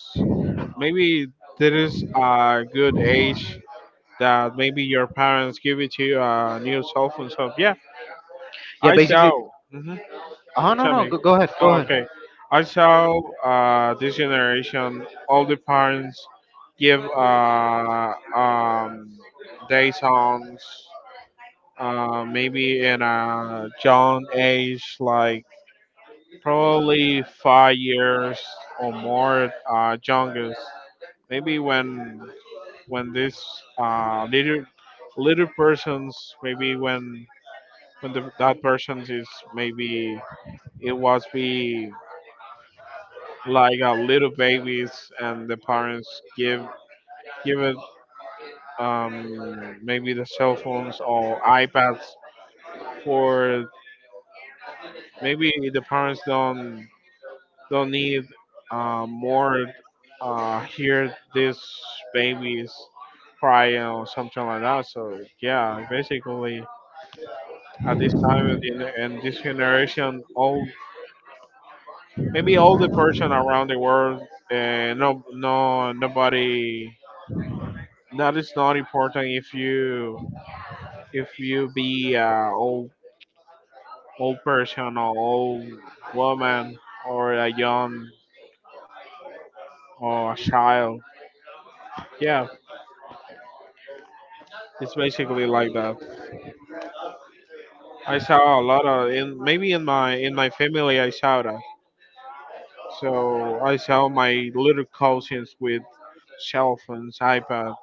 Speaker 2: maybe there is a good age that maybe your parents give it to you a new cell phone. So yeah,
Speaker 1: yeah,
Speaker 2: I
Speaker 1: basically.
Speaker 2: shall. Mhm.
Speaker 1: Oh no
Speaker 2: Tell
Speaker 1: no
Speaker 2: me.
Speaker 1: go, go ahead go
Speaker 2: Oh,
Speaker 1: ahead.
Speaker 2: okay. I saw uh, this generation, all the parents give uh, um, day songs, uh, maybe in a young age, like probably five years or more, uh, youngest. Maybe when when this uh, little little persons, maybe when when the, that person is maybe it was be like uh, little babies and the parents give give it um, maybe the cell phones or iPads for maybe the parents don't don't need uh, more uh, hear these babies crying or something like that. So yeah, basically at this time and in, in this generation, all maybe all the person around the world, uh, no no nobody that is not important if you if you be a old old person or old woman or a young or a child. Yeah, it's basically like that. I saw a lot of in maybe in my in my family I saw that. So I saw my little cousins with cell phones, iPads,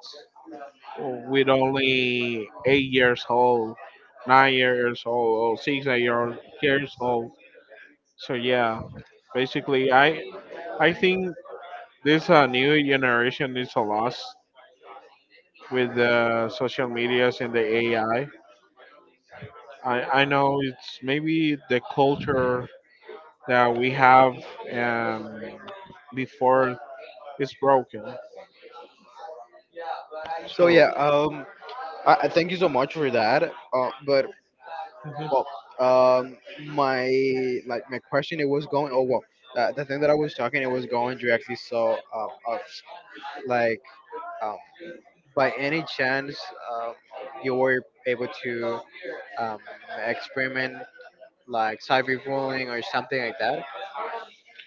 Speaker 2: with only eight years old, nine years old, or six years years old. So yeah, basically, I I think this uh, new generation is a loss with the social medias and the A I. I I I know it's maybe the culture that we have um, before is broken.
Speaker 1: So
Speaker 2: So
Speaker 1: yeah um. I, I thank you so much for that. Uh, but well, um, my like my question it was going. Oh well, uh, the thing that I was talking it was going directly. So um, of like um, by any chance um, you were able to um, experiment like cyberbullying or something like that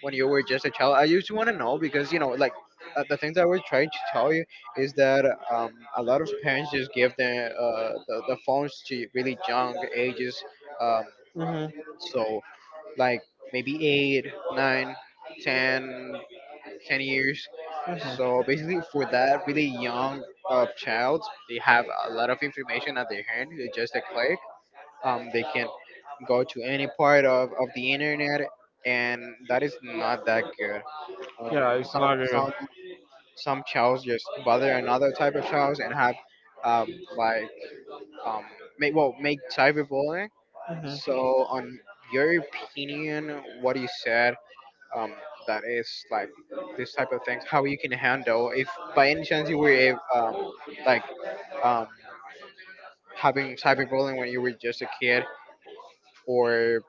Speaker 1: when you were just a child. I used to want to know because you know like uh, the things I was trying to tell you is that um, a lot of parents just give their uh, the, the phones to really young ages um.
Speaker 2: mhm,
Speaker 1: So, like maybe eight, nine, ten, ten years.
Speaker 2: mhm,
Speaker 1: So basically, for that really young uh, child, they have a lot of information at their hand. It's just a click. Um, they can go to any part of, of the internet, and that is not that good. Um,
Speaker 2: it's
Speaker 1: some
Speaker 2: not good.
Speaker 1: some some childs just bother another type of child and have um, like um, make well make cyberbullying.
Speaker 2: Mhm.
Speaker 1: So, on your opinion, what you said, um, that is like this type of things, how you can handle if by any chance you were a- um, like um, having cyberbullying when you were just a kid, or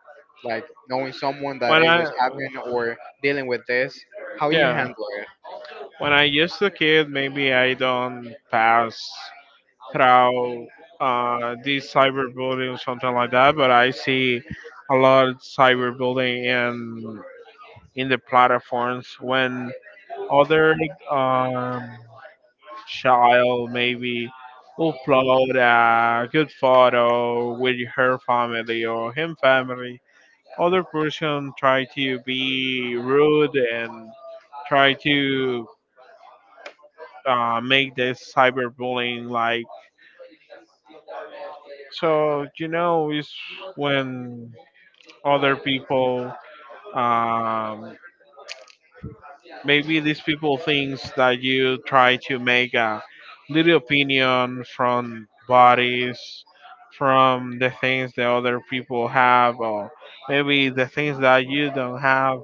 Speaker 1: like knowing someone that
Speaker 2: When
Speaker 1: it was
Speaker 2: I
Speaker 1: having or dealing with this, how you
Speaker 2: yeah,
Speaker 1: handle it?
Speaker 2: when I used to kid, maybe I don't pass throughout uh, these cyberbullying or something like that. But I see a lot of cyberbullying in in the platforms when other um, child maybe upload a good photo with her family or him family. Other person try to be rude and try to uh, make this cyberbullying like. So you know, it's when other people, um, maybe these people thinks that you try to make a little opinion from bodies, from the things that other people have, or maybe the things that you don't have.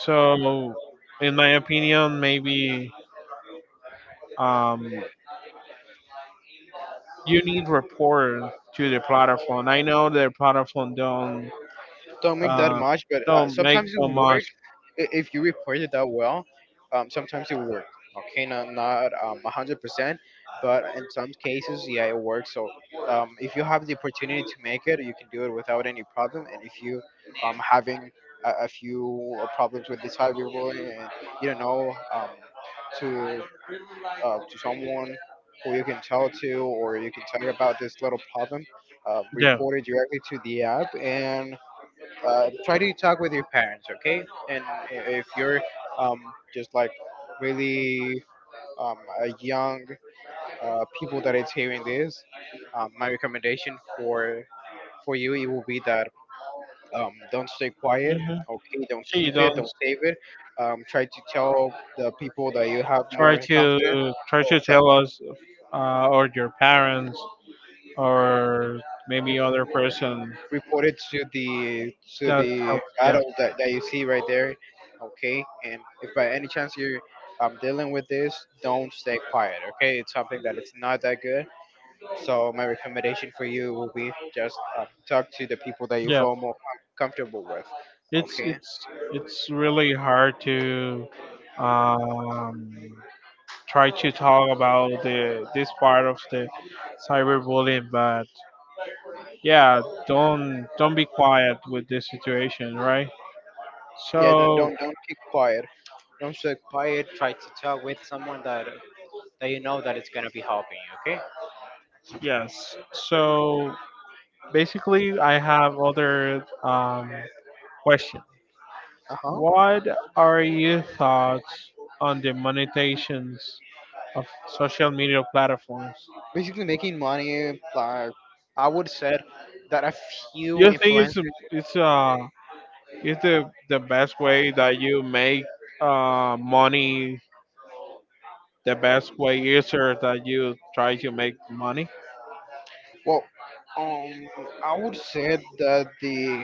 Speaker 2: So, in my opinion, maybe um, you need rapport to the platform. I know the platform don't.
Speaker 1: Don't make that
Speaker 2: Uh,
Speaker 1: much, but uh,
Speaker 2: don't make
Speaker 1: sometimes it
Speaker 2: so much.
Speaker 1: work i- if you report it that well. Um, sometimes it work. Okay, not not um a hundred percent, but in some cases, yeah, it works. So um, if you have the opportunity to make it, you can do it without any problem. And if you um having a, a few uh, problems with this hybrid boy, and you don't know um to uh, to someone who you can tell to, or you can tell about this little problem, uh,
Speaker 2: Yeah.
Speaker 1: report it directly to the app, and uh, try to talk with your parents, okay? And i- if you're um, just like really um, a young uh, people that is hearing this, um, my recommendation for for you, it will be that um, don't stay quiet,
Speaker 2: Hmm.
Speaker 1: okay? Don't
Speaker 2: She
Speaker 1: keep it,
Speaker 2: don't
Speaker 1: don't save it. Um, try to tell the people that you have
Speaker 2: try
Speaker 1: more confidence,
Speaker 2: to try to
Speaker 1: that,
Speaker 2: tell us, uh, or your parents, or
Speaker 1: that
Speaker 2: maybe other person.
Speaker 1: reported to the to
Speaker 2: That
Speaker 1: the
Speaker 2: yeah,
Speaker 1: adults that, that you see right there. Okay, and if by any chance you're um, dealing with this, don't stay quiet. Okay, it's something that it's not that good. So my recommendation for you will be just um, talk to the people that you
Speaker 2: yeah.
Speaker 1: feel more com- comfortable with,
Speaker 2: It's
Speaker 1: okay?
Speaker 2: it's it's really hard to um, try to talk about the this part of the cyberbullying, but yeah, don't don't be quiet with this situation, right?
Speaker 1: Yeah, don't
Speaker 2: So
Speaker 1: don't, don't keep quiet, don't stay quiet. Try to talk with someone that that you know that it's going to be helping you, okay.
Speaker 2: yes, so basically, I have other um, question.
Speaker 1: Uh-huh.
Speaker 2: What are your thoughts on the monetizations of social media platforms?
Speaker 1: Basically making money. Like, I would say that a few
Speaker 2: You think it's
Speaker 1: influencers.
Speaker 2: it's uh it's the the best way that you make uh money? The best way is that you try to make money?
Speaker 1: Well, um, I would say that the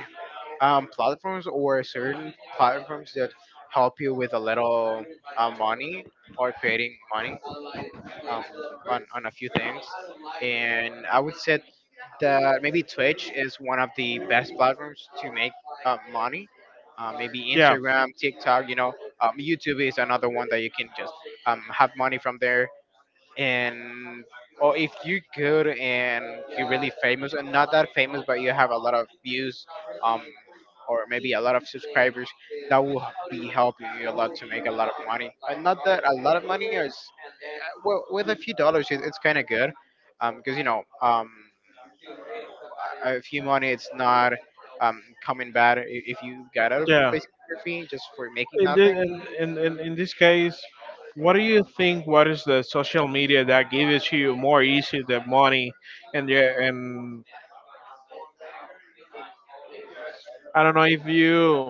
Speaker 1: um platforms, or certain platforms, that help you with a little uh, money or creating money, um, on on a few things. And I would say that maybe Twitch is one of the best platforms to make uh, money. Uh, maybe
Speaker 2: Yeah,
Speaker 1: Instagram, TikTok, you know, um, YouTube is another one that you can just um, have money from there. And or if you're good and you're really famous, and not that famous, but you have a lot of views, um, or maybe a lot of subscribers, that will be helping you a lot to make a lot of money. And not that a lot of money is, well, with a few dollars, it, it's kind of good, um, because you know, um, a a few money, it's not um coming bad i- if you got a
Speaker 2: yeah.
Speaker 1: basic fee just for making
Speaker 2: In, the,
Speaker 1: nothing,
Speaker 2: in, in, in in this case, what do you think? What is the social media that gives you more easy the money? And yeah, and I don't know if you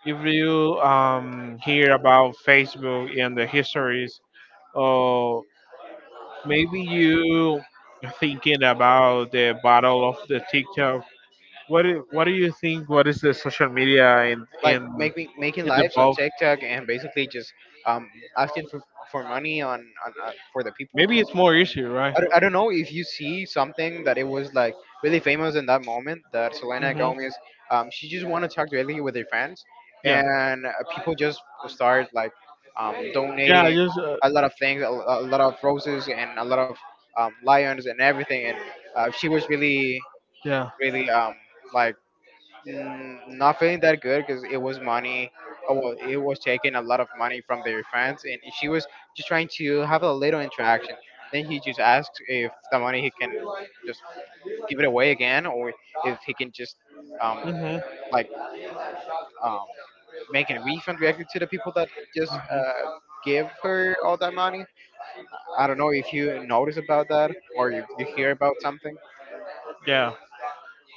Speaker 2: if you um, hear about Facebook and the histories, or maybe you thinking about the battle of the TikTok. What do, what do you think? What is the social media in
Speaker 1: like
Speaker 2: in
Speaker 1: making making
Speaker 2: in the
Speaker 1: lives on
Speaker 2: both?
Speaker 1: TikTok, and basically just um asking for for money on on, on for the people.
Speaker 2: Maybe it's more easier, right?
Speaker 1: I don't, I don't know if you see something that it was like really famous in that moment, that Selena
Speaker 2: Hmm.
Speaker 1: Gomez, um, she just want to talk directly with her fans,
Speaker 2: Yeah,
Speaker 1: and uh, people just start like um,
Speaker 2: yeah, I
Speaker 1: donating
Speaker 2: just uh,
Speaker 1: a lot of things, a, a lot of roses, and a lot of um, lions and everything. And uh, she was really,
Speaker 2: yeah.
Speaker 1: really um, like mm, not feeling that good because it was money. Oh, well, it was taking a lot of money from their fans, and she was just trying to have a little interaction. Then he just asks if the money he can just give it away again, or if he can just um
Speaker 2: Hmm.
Speaker 1: like um make a refund directly to the people that just uh give her all that money. I don't know if you notice about that, or if you hear about something.
Speaker 2: Yeah.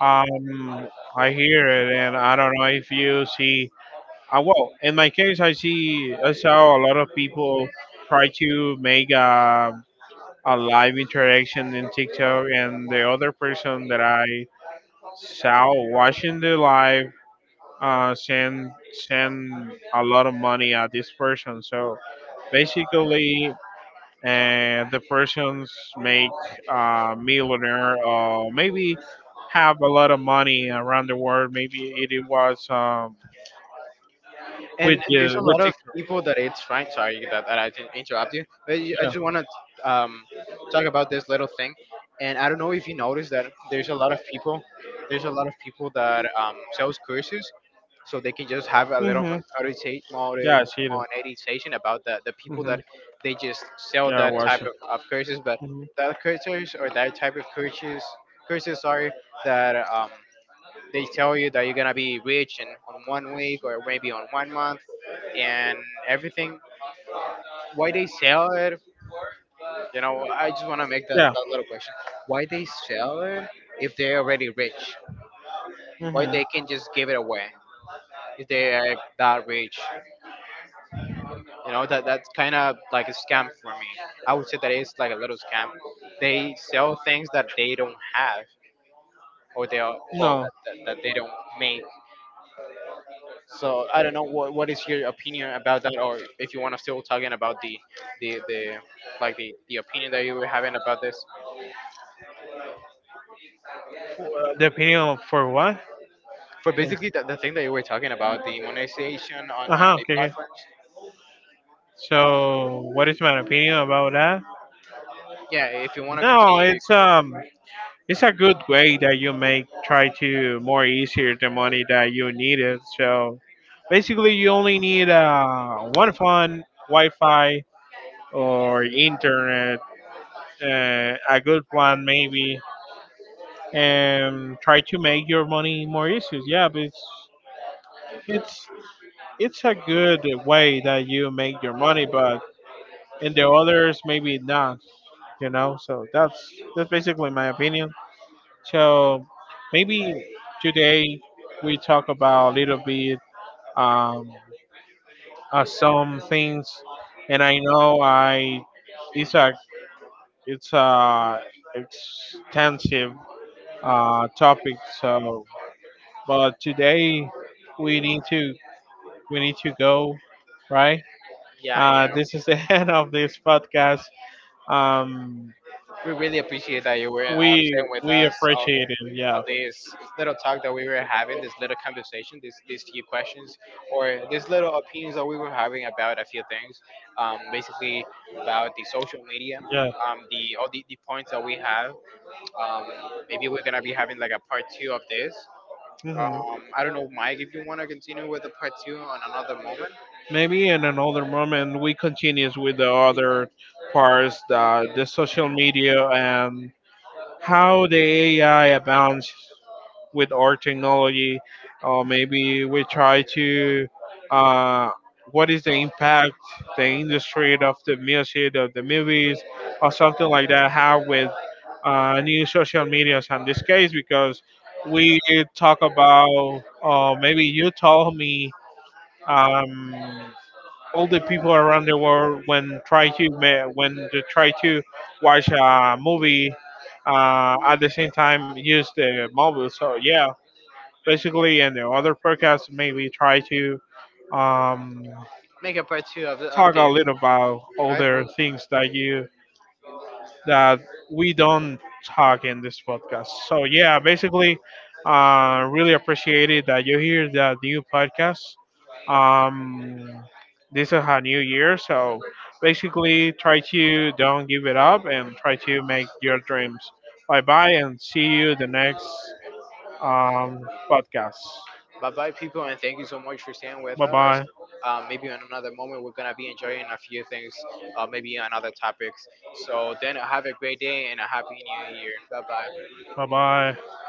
Speaker 2: Um, I hear it, and I don't know if you see. Uh, well, in my case, I see. I saw a lot of people try to make a, a live interaction in TikTok, and the other person that I saw watching the live uh, send send a lot of money at this person. So basically, and the persons make uh, millionaire or maybe have a lot of money around the world. Maybe it, it was um, with
Speaker 1: And there's
Speaker 2: the
Speaker 1: a
Speaker 2: with
Speaker 1: lot of
Speaker 2: TikTok.
Speaker 1: people that it's trying. Sorry that, that I didn't interrupt you, but you- I just want to um, talk about this little thing. And I don't know if you noticed that there's a lot of people, there's a lot of people that um, sells courses, so they can just have a
Speaker 2: Yeah.
Speaker 1: little
Speaker 2: Hmm.
Speaker 1: monetization.
Speaker 2: Yeah, I see that.
Speaker 1: Monetization about the, the people
Speaker 2: Hmm.
Speaker 1: that they just sell
Speaker 2: Yeah, I
Speaker 1: that type
Speaker 2: watch it.
Speaker 1: of, of courses. But
Speaker 2: Hmm.
Speaker 1: that courses, or that type of courses, courses, sorry, that um they tell you that you're gonna be rich in on one week, or maybe on one month, and everything. Why they sell it? You know, I just want to make that,
Speaker 2: Yeah.
Speaker 1: that little question. Why they sell it if they're already rich? Why they can just give it away if they are that rich? You know, that that's kind of like a scam for me. I would say that it's like a little scam. They sell things that they don't have, or they are, well,
Speaker 2: No,
Speaker 1: that, that, that they don't make. So I don't know what what is your opinion about that, or if you want to still talking about the the the like the, the opinion that you were having about this.
Speaker 2: uh, the opinion of- for what?
Speaker 1: For basically, the, the thing that you were talking about the monetization on,
Speaker 2: Uh
Speaker 1: on
Speaker 2: huh.
Speaker 1: the
Speaker 2: Okay, okay.
Speaker 1: platforms.
Speaker 2: So, what is my opinion about that?
Speaker 1: Yeah, if you want to
Speaker 2: No,
Speaker 1: continue.
Speaker 2: it's um. It's a good way that you make try to more easier the money that you needed. So basically, you only need uh, one phone, Wi-Fi, or internet, uh, a good plan maybe, and try to make your money more easier. Yeah, but it's it's it's a good way that you make your money, but in the others maybe not. You know, so that's that's basically my opinion. So maybe today we talk about a little bit um, uh, some things, and I know I it's a it's a extensive uh, topic. So, but today we need to we need to go right.
Speaker 1: Yeah,
Speaker 2: Uh,
Speaker 1: yeah.
Speaker 2: this is the end of this podcast. Um,
Speaker 1: We really appreciate that you were uh,
Speaker 2: we
Speaker 1: staying with
Speaker 2: we
Speaker 1: us on the
Speaker 2: appreciate it.
Speaker 1: on
Speaker 2: Yeah,
Speaker 1: this little talk that we were having, this little conversation, this these few questions, or these little opinions that we were having about a few things, um, basically about the social media,
Speaker 2: yeah.
Speaker 1: um, the all the, the points that we have. Um, Maybe we're gonna be having like a part two of this.
Speaker 2: Mhm.
Speaker 1: Um, I don't know, Mike, if you wanna continue with the part two on another moment,
Speaker 2: Maybe in another moment we continue with the other parts, the, the social media and how the A I advances with our technology, or maybe we try to uh, what is the impact the industry of the music of the movies or something like that have with uh, new social medias in this case because we talk about uh, maybe you told me. Um, older people around the world when try to ma- when they try to watch a movie uh, at the same time use the mobile. So yeah, basically, and the other podcast maybe try to um,
Speaker 1: make a part two of, the, of
Speaker 2: talk a
Speaker 1: this,
Speaker 2: little about
Speaker 1: right?
Speaker 2: other things that you that we don't talk in this podcast. So yeah, basically, uh, really appreciate it that you hear the new podcast. Um, this is a new year, so basically, try to don't give it up and try to make your dreams. Bye bye, and see you the next um, podcast.
Speaker 1: Bye bye, people, and thank you so much for staying with
Speaker 2: Bye
Speaker 1: us.
Speaker 2: bye.
Speaker 1: Um, maybe in another moment, we're going to be enjoying a few things, uh, maybe on other topics. So then, have a great day and a happy new year. Bye bye.
Speaker 2: Bye bye.